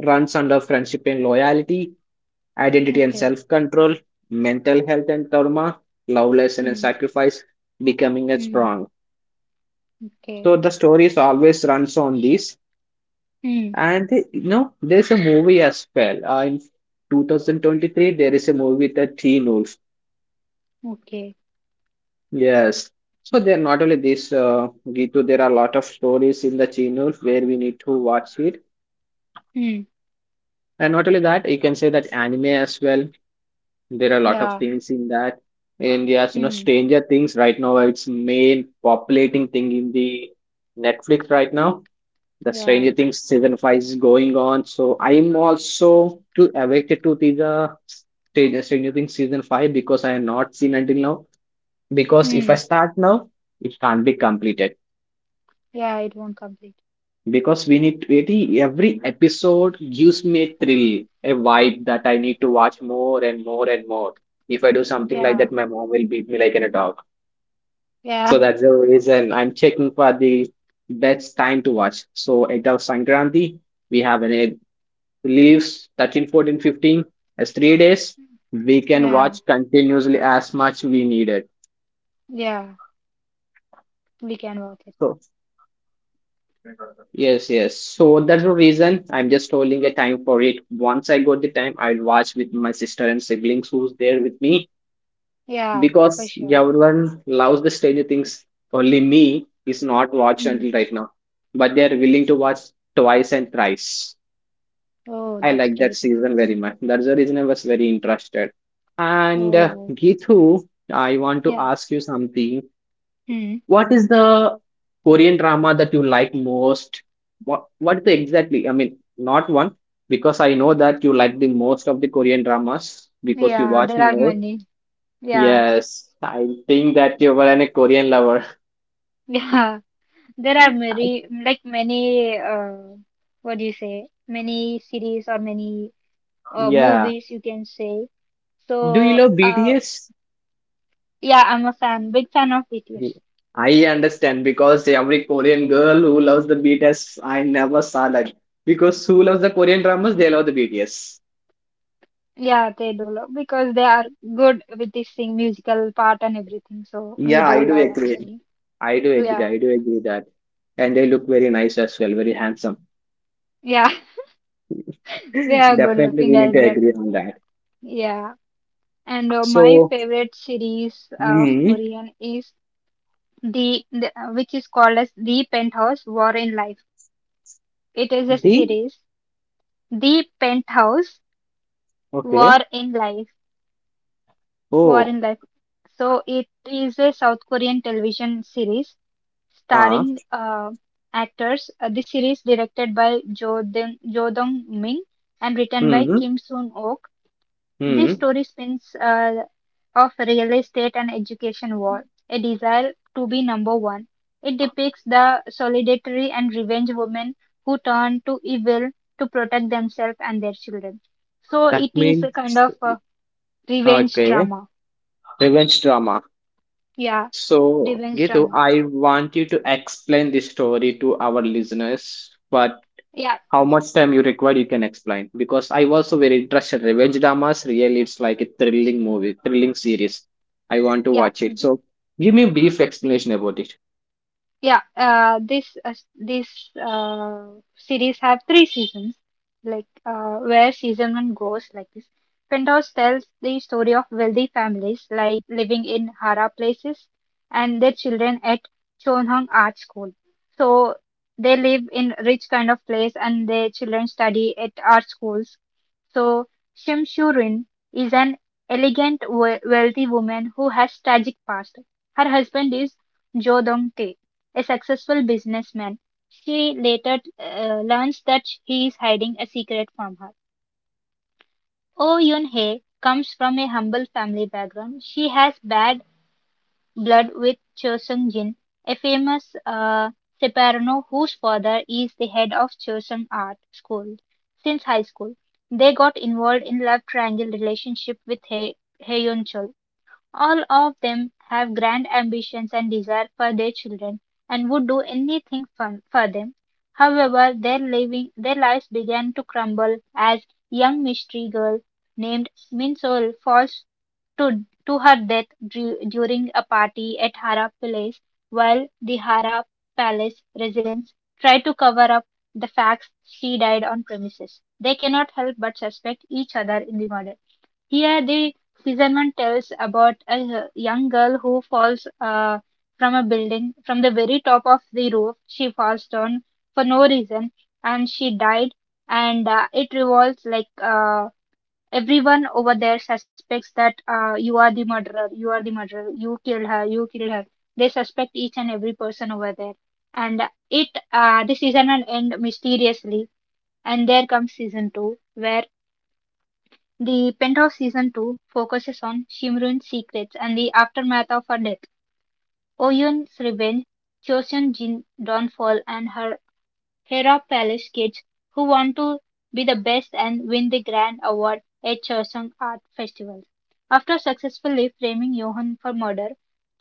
Speaker 1: runs under friendship and loyalty, identity and
Speaker 2: Okay.
Speaker 1: self control, mental health and trauma, lovelessness and
Speaker 2: Mm.
Speaker 1: sacrifice, becoming a
Speaker 2: mm.
Speaker 1: strong.
Speaker 2: Okay.
Speaker 1: So the stories always runs on this.
Speaker 2: Hmm.
Speaker 1: And you know, there's a movie as well. In 2023, there is a movie with the Teen Wolf.
Speaker 2: Okay.
Speaker 1: Yes. So there not only this, Gitu, there are a lot of stories in the Teen Wolf where we need to watch it.
Speaker 2: Hmm.
Speaker 1: And not only that, you can say that anime as well. There are a lot of
Speaker 2: Yeah.
Speaker 1: things in that. And yes, you know,
Speaker 2: Hmm.
Speaker 1: Stranger Things right now, it's main populating thing in the Netflix right now. The
Speaker 2: Yeah.
Speaker 1: Stranger Things season 5 is going on. So I'm also too addicted to the Stranger Things season five because I have not seen until now. Because if
Speaker 2: Hmm.
Speaker 1: I start now, it can't be completed.
Speaker 2: Yeah, it won't complete.
Speaker 1: Because we need really every episode gives me a thrill, a vibe that I need to watch more and more and more. If I do something like
Speaker 2: Yeah.
Speaker 1: that, my mom will beat me like in a dog. So
Speaker 2: Yeah.
Speaker 1: that's the reason I'm checking for the best time to watch. So at our Sankranti, we have an it leaves 13, 14, 15 as 3 days. We can
Speaker 2: Yeah.
Speaker 1: watch continuously as much we needed.
Speaker 2: Yeah. We can watch it.
Speaker 1: So yes, yes. So that's the reason I'm just holding a time for it. Once I got the time, I'll watch with my sister and siblings who's there with me
Speaker 2: Yeah,
Speaker 1: because
Speaker 2: for sure.
Speaker 1: everyone loves the Stranger Things. Only me is not watched
Speaker 2: Hmm.
Speaker 1: until right now, but they are willing to watch twice and thrice.
Speaker 2: Oh,
Speaker 1: I
Speaker 2: that's
Speaker 1: like that
Speaker 2: great.
Speaker 1: season very much. That's the reason I was very interested. And
Speaker 2: Oh,
Speaker 1: Gitu, I want to
Speaker 2: yeah.
Speaker 1: ask you something.
Speaker 2: Hmm.
Speaker 1: What is the Korean drama that you like most? What is the exactly? I mean, not one because I know that you like the most of the Korean dramas because you
Speaker 2: Yeah,
Speaker 1: watch
Speaker 2: there are
Speaker 1: more.
Speaker 2: many. Yeah.
Speaker 1: Yes, I think that you were a Korean lover.
Speaker 2: <laughs> Yeah. There are
Speaker 1: <laughs>
Speaker 2: many, like many, what do you say? Many series or many
Speaker 1: Yeah.
Speaker 2: movies you can say.
Speaker 1: Do you
Speaker 2: So,
Speaker 1: love BTS?
Speaker 2: yeah, I'm a fan, big fan of BTS.
Speaker 1: I understand because every Korean girl who loves the BTS, I never saw that. Because who loves the Korean dramas, they love the BTS.
Speaker 2: Yeah, they do love because they are good with this thing, musical part and everything. So we
Speaker 1: Yeah,
Speaker 2: do
Speaker 1: I do
Speaker 2: love
Speaker 1: agree.
Speaker 2: actually.
Speaker 1: I do agree.
Speaker 2: Yeah,
Speaker 1: I do agree that. And they look very nice as well, very handsome.
Speaker 2: yeah, <laughs> they
Speaker 1: <laughs>
Speaker 2: are good
Speaker 1: Definitely,
Speaker 2: looking
Speaker 1: we need
Speaker 2: as
Speaker 1: to
Speaker 2: well.
Speaker 1: agree on that.
Speaker 2: Yeah, and my
Speaker 1: So,
Speaker 2: favorite series of
Speaker 1: hmm,
Speaker 2: Korean is the which is called as The Penthouse War in Life. It is a
Speaker 1: the
Speaker 2: series, The Penthouse
Speaker 1: okay.
Speaker 2: War in Life, War
Speaker 1: Oh,
Speaker 2: in Life. So it is a South Korean television series
Speaker 1: ah,
Speaker 2: starring actors. This series, directed by Jo Dong Min and written by
Speaker 1: hmm,
Speaker 2: Kim Soon Ok, this
Speaker 1: hmm.
Speaker 2: story spins of real estate and education war, a desire to be number one. It depicts the solitary and revenge women who turn to evil to protect themselves and their children. So
Speaker 1: That
Speaker 2: it is a
Speaker 1: means
Speaker 2: kind of a revenge
Speaker 1: okay.
Speaker 2: drama.
Speaker 1: Revenge drama.
Speaker 2: Yeah,
Speaker 1: So,
Speaker 2: revenge
Speaker 1: Gitu,
Speaker 2: drama.
Speaker 1: I want you to explain this story to our listeners, but
Speaker 2: Yeah,
Speaker 1: how much time you required you can explain because I was also very interested revenge dramas, really it's like a thrilling movie thrilling series, I want to
Speaker 2: yeah.
Speaker 1: watch it, so give me a brief explanation about it.
Speaker 2: Yeah, this this series have three seasons, like where season one goes like this. Penthouse tells the story of wealthy families like living in Hara places and their children at Chonhung Art School. So they live in rich kind of place and their children study at art schools. So Shim Shurin is an elegant wealthy woman who has tragic past. Her husband is Jo Dong, a successful businessman. She later learns that he is hiding a secret from her. Oh Yoon Hye comes from a humble family background. She has bad blood with Cho Sung Jin, a famous soprano whose father is the head of Chosun Art School since high school. They got involved in love triangle relationship with Hye Yoon Chul. All of them have grand ambitions and desire for their children and would do anything for them. However, their lives began to crumble as young mystery girl named Min falls to her death during a party at Hara Palace, while the Hara Palace residents try to cover up the facts she died on premises. They cannot help but suspect each other in the murder. Here the season one tells about a young girl who falls from a building, from the very top of the roof. She falls down for no reason and she died. And it revolves like everyone over there suspects that you are the murderer, you are the murderer, you killed her, you killed her. They suspect each and every person over there. And it the season will end mysteriously. And there comes season two, where the Penthouse Season Two focuses on Shimron's secrets and the aftermath of her death, Oyun's revenge, Chosun Jin's downfall, and her Hera Palace kids who want to be the best and win the grand award at Chosun Art Festival. After successfully framing Johan for murder,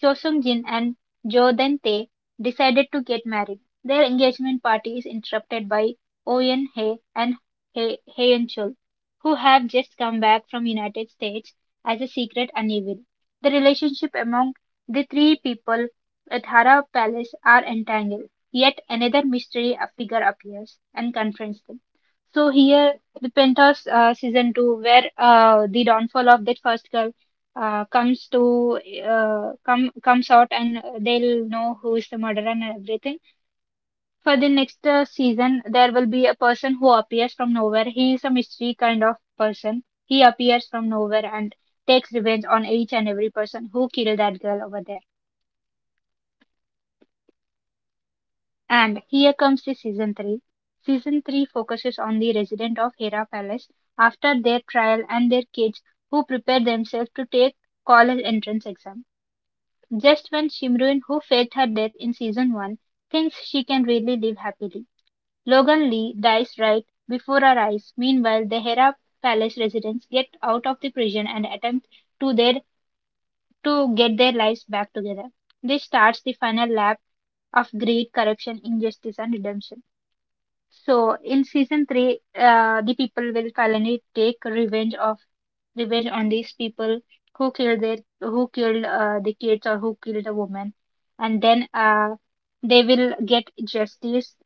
Speaker 2: Chosun Jin and Jo Then Tae decided to get married. Their engagement party is interrupted by Oyen Hye and Hye Hyeon Chul, who have just come back from United States as a secret unevil. The relationship among the three people at Harad palace are entangled. Yet another mystery figure appears and confronts them. So here, the Penthouse season two, where the downfall of that first girl comes to comes out, and they'll know who is the murderer and everything. For the next season, there will be a person who appears from nowhere. He is a mystery kind of person. He appears from nowhere and takes revenge on each and every person who killed that girl over there. And here comes the season 3. Season 3 focuses on the residents of Hera Palace after their trial and their kids who prepare themselves to take college entrance exam. Just when Shimruin, who faked her death in season 1, thinks she can really live happily, Logan Lee dies right before our eyes. Meanwhile, the Hera Palace residents get out of the prison and attempt to their to get their lives back together. This starts the final lap of greed, corruption, injustice, and redemption. So in season three, the people will finally take revenge on these people who killed their who killed the kids or who killed a woman, and then they will get justice.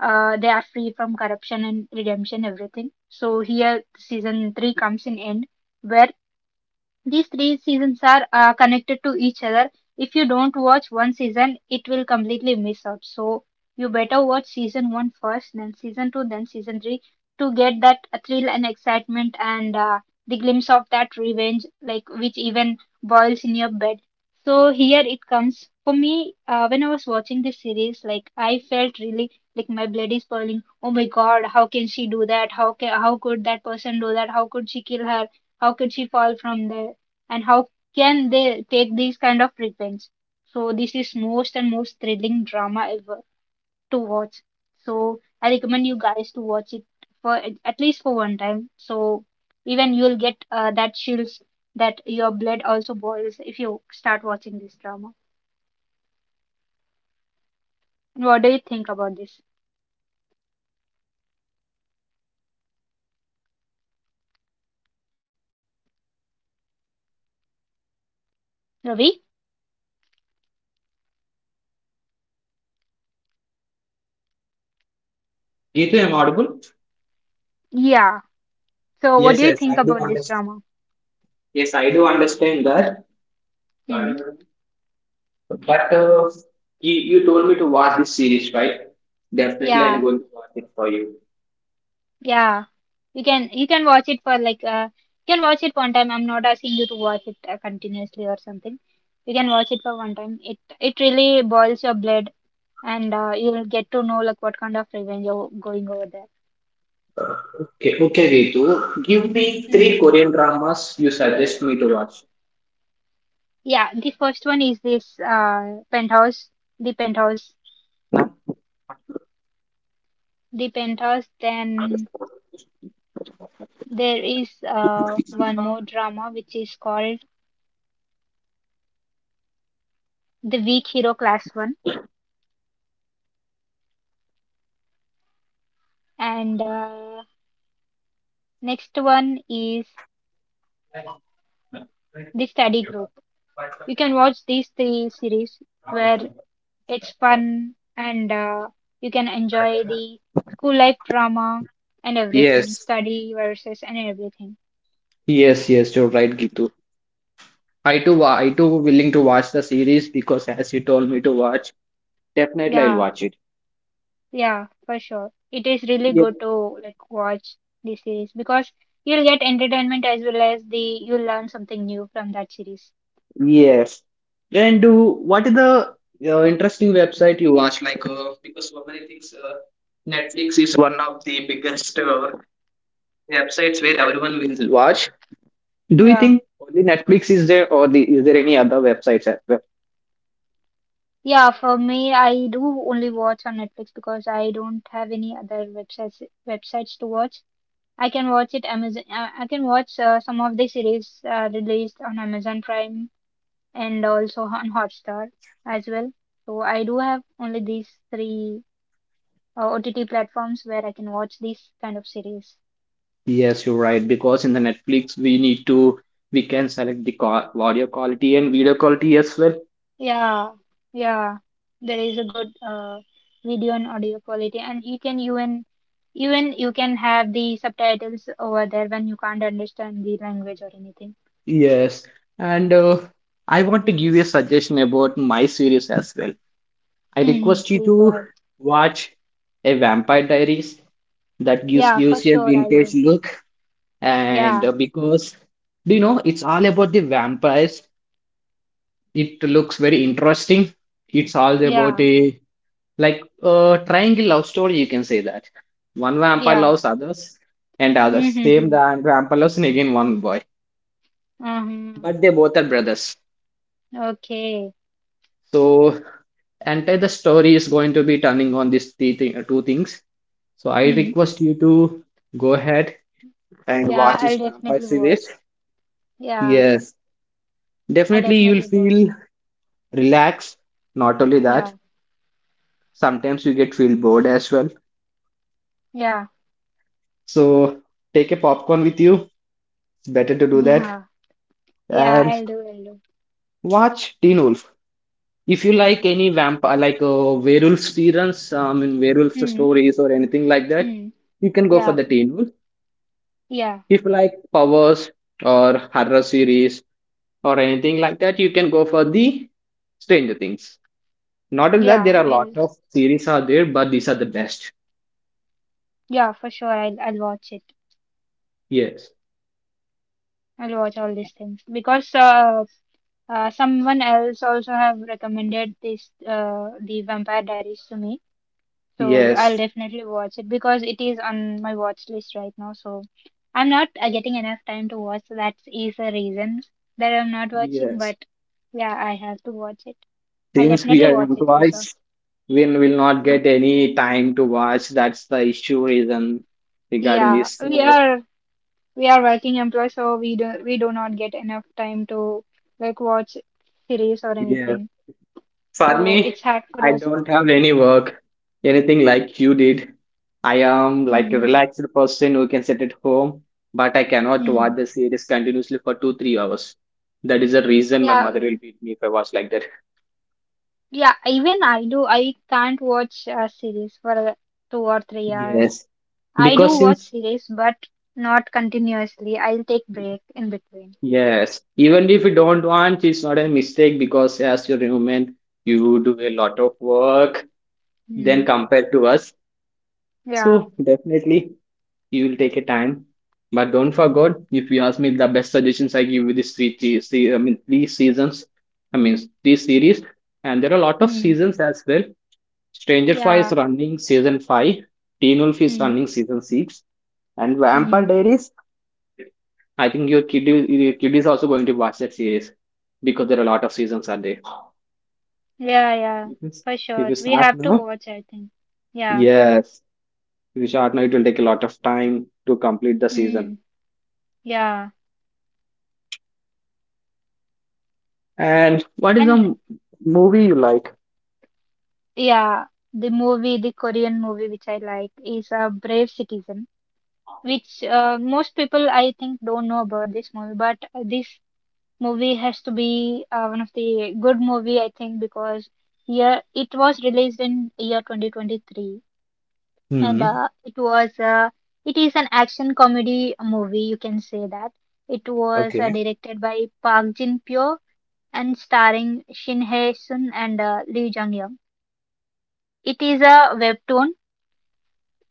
Speaker 2: They are free from corruption and redemption, everything. So here season three comes in end, where these three seasons are connected to each other. If you don't watch one season, it will completely miss out. So you better watch season one first, then season two, then season three to get that thrill and excitement and the glimpse of that revenge, like which even boils in your bed. So here it comes. For me, when I was watching this series, like I felt really like my blood is boiling. Oh my God, how can she do that? How could that person do that? How could she kill her? How could she fall from there, and how can they take these kind of revenge? So this is most and most thrilling drama ever to watch. So I recommend you guys to watch it for at least for one time. So even you'll get that chills that your blood also boils if you start watching this drama. What do you think about this, Ravi?
Speaker 1: Geetu, am I audible?
Speaker 2: Yeah. So what do
Speaker 1: Yes,
Speaker 2: you
Speaker 1: yes,
Speaker 2: think
Speaker 1: I do
Speaker 2: about this
Speaker 1: understand.
Speaker 2: drama?
Speaker 1: Yes I do understand that,
Speaker 2: Hmm.
Speaker 1: but you, you told me to watch this series, right? Definitely I'm
Speaker 2: Yeah.
Speaker 1: going to watch it for you.
Speaker 2: Yeah, you can watch it for like you can watch it one time. I'm not asking you to watch it continuously or something. You can watch it for one time. It really boils your blood, and you'll get to know like what kind of revenge you're going over there.
Speaker 1: Okay, okay Geetu, give me three
Speaker 2: Mm.
Speaker 1: korean dramas you suggest me to watch.
Speaker 2: Yeah, the first one is this penthouse, the penthouse, the penthouse. Then there is one more drama which is called the weak hero class one, and next one is the study group. You can watch these three series, where it's fun, and you can enjoy the school life drama and everything,
Speaker 1: Yes,
Speaker 2: study versus and everything.
Speaker 1: yes yes you're right Gitu. I too, I too willing to watch the series because as you told me to watch, definitely I'll
Speaker 2: Yeah,
Speaker 1: watch it.
Speaker 2: yeah, for sure. It is really
Speaker 1: Yeah.
Speaker 2: good to like watch this series because you'll get entertainment as well as the you'll learn something new from that series.
Speaker 1: Yes. And do what is the interesting website you watch? Like because so many things, Netflix is one of the biggest websites where everyone will watch. Do you
Speaker 2: Yeah.
Speaker 1: think only Netflix is there, or the, is there any other websites as well?
Speaker 2: Yeah, for me, I do only watch on Netflix because I don't have any other websites to watch. I can watch it Amazon. I can watch some of the series released on Amazon Prime and also on Hotstar as well. So I do have only these three OTT platforms where I can watch these kind of series.
Speaker 1: Yes, you're right. Because in the Netflix, we need to we can select the audio quality and video quality as well.
Speaker 2: Yeah, yeah. There is a good video and audio quality, and you can even even you can have the subtitles over there when you can't understand the language or anything.
Speaker 1: Yes, and I want to give you a suggestion about my series as well. I
Speaker 2: Hmm.
Speaker 1: request you
Speaker 2: Please go
Speaker 1: to
Speaker 2: ahead.
Speaker 1: watch a Vampire Diaries that gives
Speaker 2: Yeah, for
Speaker 1: gives you a
Speaker 2: sure I'll
Speaker 1: vintage
Speaker 2: do.
Speaker 1: look, and
Speaker 2: Yeah,
Speaker 1: because do you know it's all about the vampires. It looks very interesting. It's all about
Speaker 2: yeah.
Speaker 1: a like a triangle love story. You can say that one vampire
Speaker 2: Yeah.
Speaker 1: loves others, and others same
Speaker 2: Mm-hmm.
Speaker 1: the vampire loves and again one boy,
Speaker 2: Um,
Speaker 1: but they both are brothers.
Speaker 2: okay.
Speaker 1: So, entire the story is going to be turning on two things. So, I
Speaker 2: Hmm.
Speaker 1: request you to go ahead and
Speaker 2: Yeah,
Speaker 1: watch this
Speaker 2: I'll
Speaker 1: vampire
Speaker 2: definitely
Speaker 1: series.
Speaker 2: watch. Yeah,
Speaker 1: Yes,
Speaker 2: I'll
Speaker 1: definitely you will
Speaker 2: definitely watch.
Speaker 1: feel relaxed. Not only
Speaker 2: Yeah,
Speaker 1: that, sometimes you get feel bored as well.
Speaker 2: yeah,
Speaker 1: So, take a popcorn with you. It's better to do that
Speaker 2: yeah, yeah,
Speaker 1: and
Speaker 2: I'll do, I'll do.
Speaker 1: watch Teen Wolf. If you like any vampire, like werewolf series, I mean werewolf
Speaker 2: Hmm.
Speaker 1: stories or anything like that,
Speaker 2: Hmm.
Speaker 1: you can go for
Speaker 2: Yeah,
Speaker 1: the Teen Wolf.
Speaker 2: yeah,
Speaker 1: If you like powers or horror series or anything like that, you can go for the Stranger Things. Not only that, there
Speaker 2: yeah,
Speaker 1: are a lot of series are there, but these are the best.
Speaker 2: yeah, for sure, I'll watch it.
Speaker 1: yes
Speaker 2: I'll watch all these things because someone else also have recommended this the Vampire Diaries to me. So I'll
Speaker 1: yes
Speaker 2: definitely watch it because it is on my watch list right now. So I'm not getting enough time to watch. So that is the reason that I'm not watching.
Speaker 1: yes
Speaker 2: But yeah, I have to watch it. I'll
Speaker 1: Since we
Speaker 2: definitely
Speaker 1: are
Speaker 2: watch it for sure.
Speaker 1: employees, we will not get any time to watch. That's the issue reason regarding
Speaker 2: Yeah,
Speaker 1: this
Speaker 2: we
Speaker 1: uh,
Speaker 2: are we are working employees, so we do not get enough time to like watch series or
Speaker 1: Yes.
Speaker 2: anything.
Speaker 1: For
Speaker 2: So
Speaker 1: me,
Speaker 2: it's hard for
Speaker 1: I
Speaker 2: us.
Speaker 1: don't have any work, anything like you did. I am like a
Speaker 2: Hmm.
Speaker 1: relaxed person who can sit at home, but I cannot
Speaker 2: Mm.
Speaker 1: watch the series continuously for two, 3 hours. That is the reason my
Speaker 2: Yeah,
Speaker 1: mother will
Speaker 2: w-
Speaker 1: beat me if I was like that.
Speaker 2: yeah. Even I do. I can't watch a series for 2 or 3 hours.
Speaker 1: Yes,
Speaker 2: I do
Speaker 1: because
Speaker 2: watch
Speaker 1: since
Speaker 2: series, but not continuously. I'll take break in between.
Speaker 1: yes, even if you don't want, it's not a mistake because as you're a human, you do a lot of work
Speaker 2: Hmm.
Speaker 1: than compared to us.
Speaker 2: Yeah.
Speaker 1: So definitely, you will take a time. But don't forget, if you ask me the best suggestions I give with this three I mean three seasons, I mean three series, and there are a lot of
Speaker 2: Hmm.
Speaker 1: seasons as well. Stranger Five is
Speaker 2: Yeah.
Speaker 1: running season five, Teen Wolf is
Speaker 2: Hmm.
Speaker 1: running season six, and
Speaker 2: Hmm.
Speaker 1: Vampire Diaries. I think your kid is also going to watch that series because there are a lot of seasons are there.
Speaker 2: Yeah. Yeah.
Speaker 1: If you,
Speaker 2: For
Speaker 1: if
Speaker 2: sure,
Speaker 1: you
Speaker 2: we
Speaker 1: start
Speaker 2: have to
Speaker 1: now,
Speaker 2: watch, I think. Yeah.
Speaker 1: yes, if you start now, it will take a lot of time to complete the season.
Speaker 2: Hmm. Yeah.
Speaker 1: And what is the
Speaker 2: And
Speaker 1: m- movie you like?
Speaker 2: yeah, the movie, the Korean movie which I like is a Brave Citizen, which most people I think don't know about this movie, but this movie has to be one of the good movie I think because year it was released in year 2023 and
Speaker 1: Hmm.
Speaker 2: it was it is an action comedy movie, you can say that. It was
Speaker 1: Okay.
Speaker 2: directed by Park Jin Pyo and starring Shin Hye Sun and Lee Jung Young. It is a webtoon,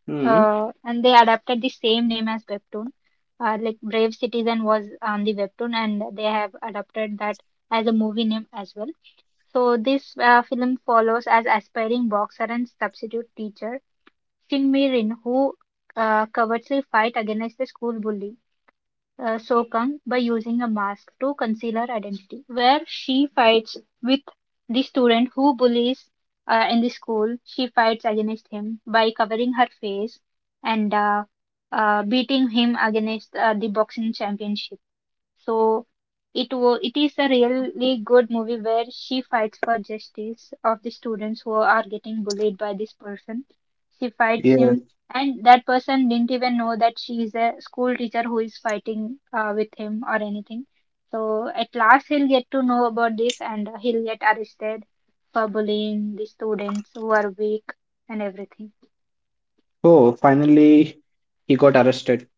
Speaker 1: Hmm.
Speaker 2: and they adapted the same name as webtoon. Like Brave Citizen was on the webtoon and they have adapted that as a movie name as well. So this film follows as aspiring boxer and substitute teacher Shin Mi-rin, who covertly fight against the school bully So Kang by using a mask to conceal her identity. Where she fights with the student who bullies in the school, she fights against him by covering her face and beating him against the boxing championship. So it is a really good movie where she fights for justice of the students who are getting bullied by this person. She fights
Speaker 1: Yes.
Speaker 2: him, and that person didn't even know that she is a school teacher who is fighting with him or anything. So at last he'll get to know about this, and he'll get arrested for bullying the students who are weak and everything.
Speaker 1: Oh, finally he got arrested.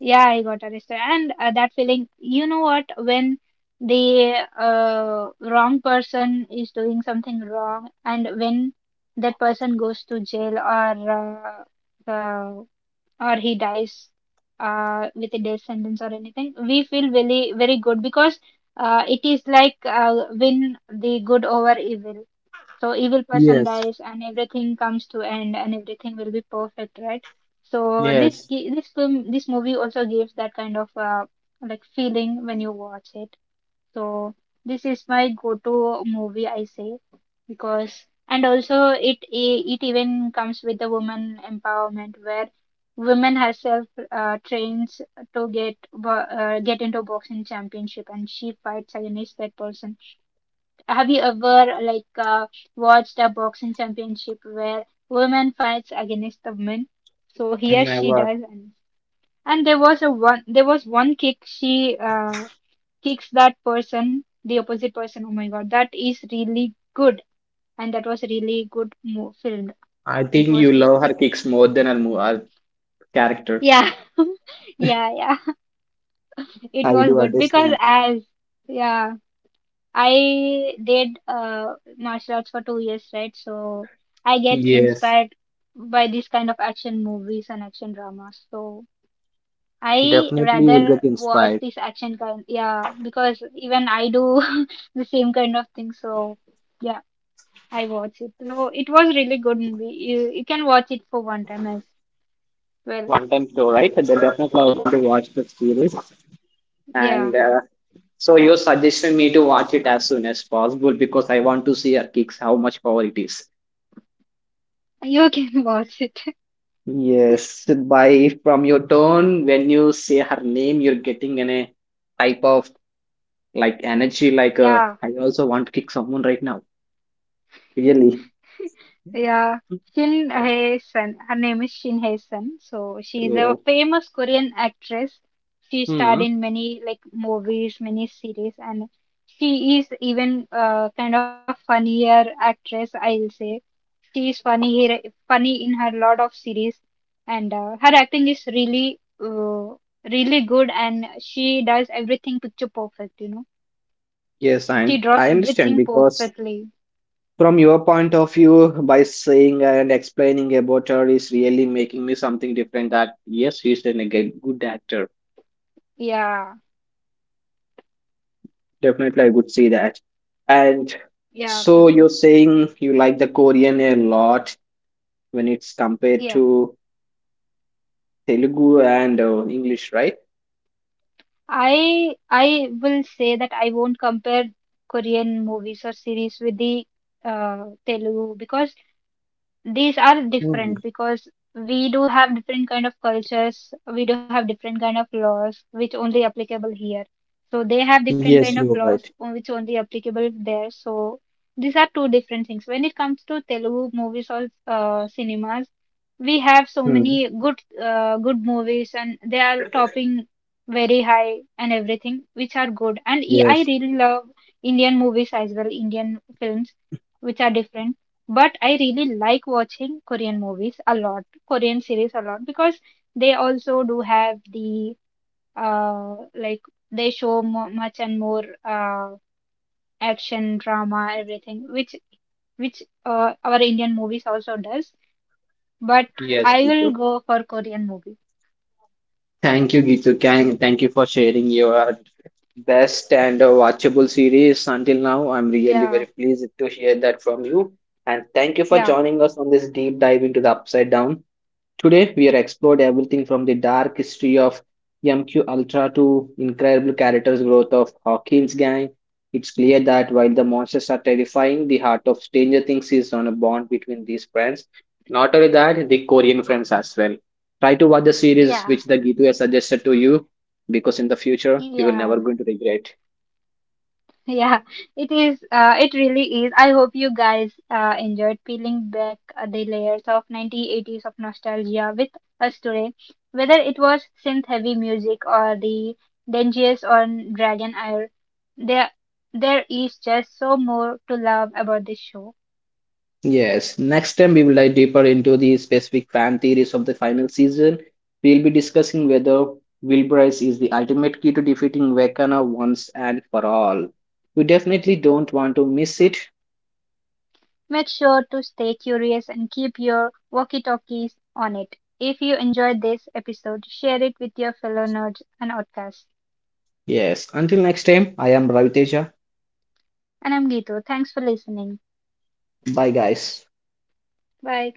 Speaker 2: Yeah, I got arrested. And that feeling, you know what, when the wrong person is doing something wrong, and when that person goes to jail uh, or he dies with a death sentence or anything, we feel really very good because it is like win the good over evil. So evil person
Speaker 1: Yes.
Speaker 2: dies and everything comes to end and everything will be perfect, right? So
Speaker 1: Yes.
Speaker 2: this movie also gives that kind of like feeling when you watch it. So this is my go-to movie, I say, because and also it even comes with the woman empowerment where women herself trains to get into boxing championship and she fights against that person. Have you ever like watched a boxing championship where women fights against the men? So here she
Speaker 1: Never.
Speaker 2: does, and there was one kick. She kicks that person, the opposite person. Oh my God, that is really good, and that was really good mo filmed.
Speaker 1: I
Speaker 2: It
Speaker 1: think
Speaker 2: was
Speaker 1: you
Speaker 2: good.
Speaker 1: love her kicks more than her character.
Speaker 2: Yeah, <laughs> yeah. <laughs> It
Speaker 1: I
Speaker 2: was
Speaker 1: do
Speaker 2: good because
Speaker 1: understand.
Speaker 2: as yeah. I did martial arts for 2 years, right? So I get
Speaker 1: Yes.
Speaker 2: inspired by these kind of action movies and action dramas. So I
Speaker 1: Definitely will
Speaker 2: rather
Speaker 1: get
Speaker 2: watch
Speaker 1: inspired.
Speaker 2: this action kind, yeah, because even I do <laughs> the same kind of thing. So yeah, I watch it. So it was really good movie. You can watch it for one time as well.
Speaker 1: One time show, right? Then definitely I want to watch the series.
Speaker 2: Yeah,
Speaker 1: And so you're suggesting me to watch it as soon as possible because I want to see her kicks, how much power it is.
Speaker 2: you can <laughs> watch it.
Speaker 1: Yes, by from your tone, when you say her name, you're getting a type of like energy, like
Speaker 2: Yeah.
Speaker 1: I also want to kick someone right now. Really.
Speaker 2: Yeah, Shin Hae-sun. Her name is Shin Hae-sun. So she is a
Speaker 1: Oh,
Speaker 2: famous Korean actress. She starred
Speaker 1: hmm.
Speaker 2: in many like movies, many series, and she is even kind of funnier actress, I'll say. She is funny here, funny in her lot of series, and her acting is really, really good. And she does everything picture perfect. You know,
Speaker 1: Yes, I,
Speaker 2: she
Speaker 1: I
Speaker 2: draws
Speaker 1: understand
Speaker 2: everything
Speaker 1: because
Speaker 2: perfectly.
Speaker 1: from your point of view, by saying and explaining about her is really making me something different that yes, she's a good actor.
Speaker 2: Yeah,
Speaker 1: Definitely, I would say that. And
Speaker 2: yeah, for
Speaker 1: so
Speaker 2: sure.
Speaker 1: you're saying you like the Korean a lot when it's compared
Speaker 2: Yeah.
Speaker 1: to Telugu and English, right?
Speaker 2: I will say that I won't compare Korean movies or series with the Telugu, because these are
Speaker 1: Hmm.
Speaker 2: different. Because we do have different kind of cultures, we do have different kind of laws which only applicable here, so they have different
Speaker 1: Yes,
Speaker 2: kind
Speaker 1: you're
Speaker 2: of
Speaker 1: right.
Speaker 2: laws which only applicable there. So these are two different things. When it comes to Telugu movies or cinemas, we have so
Speaker 1: Hmm.
Speaker 2: many good good movies and they are topping very high and everything which are good. And I
Speaker 1: Yes.
Speaker 2: really love Indian movies as well, Indian films which are different. But I really like watching Korean movies a lot, Korean series a lot, because they also do have the like, they show mo much and more action, drama, everything, which our Indian movies also does. But
Speaker 1: Yes,
Speaker 2: I
Speaker 1: Gitu.
Speaker 2: will go for Korean movie.
Speaker 1: Thank you, Gitu. Can, thank you for sharing your best and watchable series until now. I'm really
Speaker 2: Yeah,
Speaker 1: very pleased to hear that from you. And thank you for
Speaker 2: yeah,
Speaker 1: joining us on this deep dive into the Upside Down. Today, we are explored everything from the dark history of MQ Ultra to incredible characters growth of Hawkins gang. It's clear that while the monsters are terrifying, the heart of Stranger Things is on a bond between these friends. Not only that, the Korean friends as well. Try to watch the series
Speaker 2: yeah,
Speaker 1: which the Gitu has suggested to you, because in the future you will never
Speaker 2: yeah.
Speaker 1: going to regret.
Speaker 2: <laughs> Yeah, it is. It really is. I hope you guys enjoyed peeling back the layers of 1980s of nostalgia with us today. Whether it was synth-heavy music or the dungeons on Dragon Air, there there is just so more to love about this show.
Speaker 1: Yes, next time we will dive deeper into the specific fan theories of the final season. We will be discussing whether Wilburice is the ultimate key to defeating Vecana once and for all. You definitely don't want to miss it.
Speaker 2: Make sure to stay curious and keep your walkie-talkies on it. If you enjoyed this episode, share it with your fellow nerds and outcasts.
Speaker 1: Yes, until next time, I am Raviteja.
Speaker 2: And I'm Gitu. Thanks for listening.
Speaker 1: Bye, guys.
Speaker 2: Bye.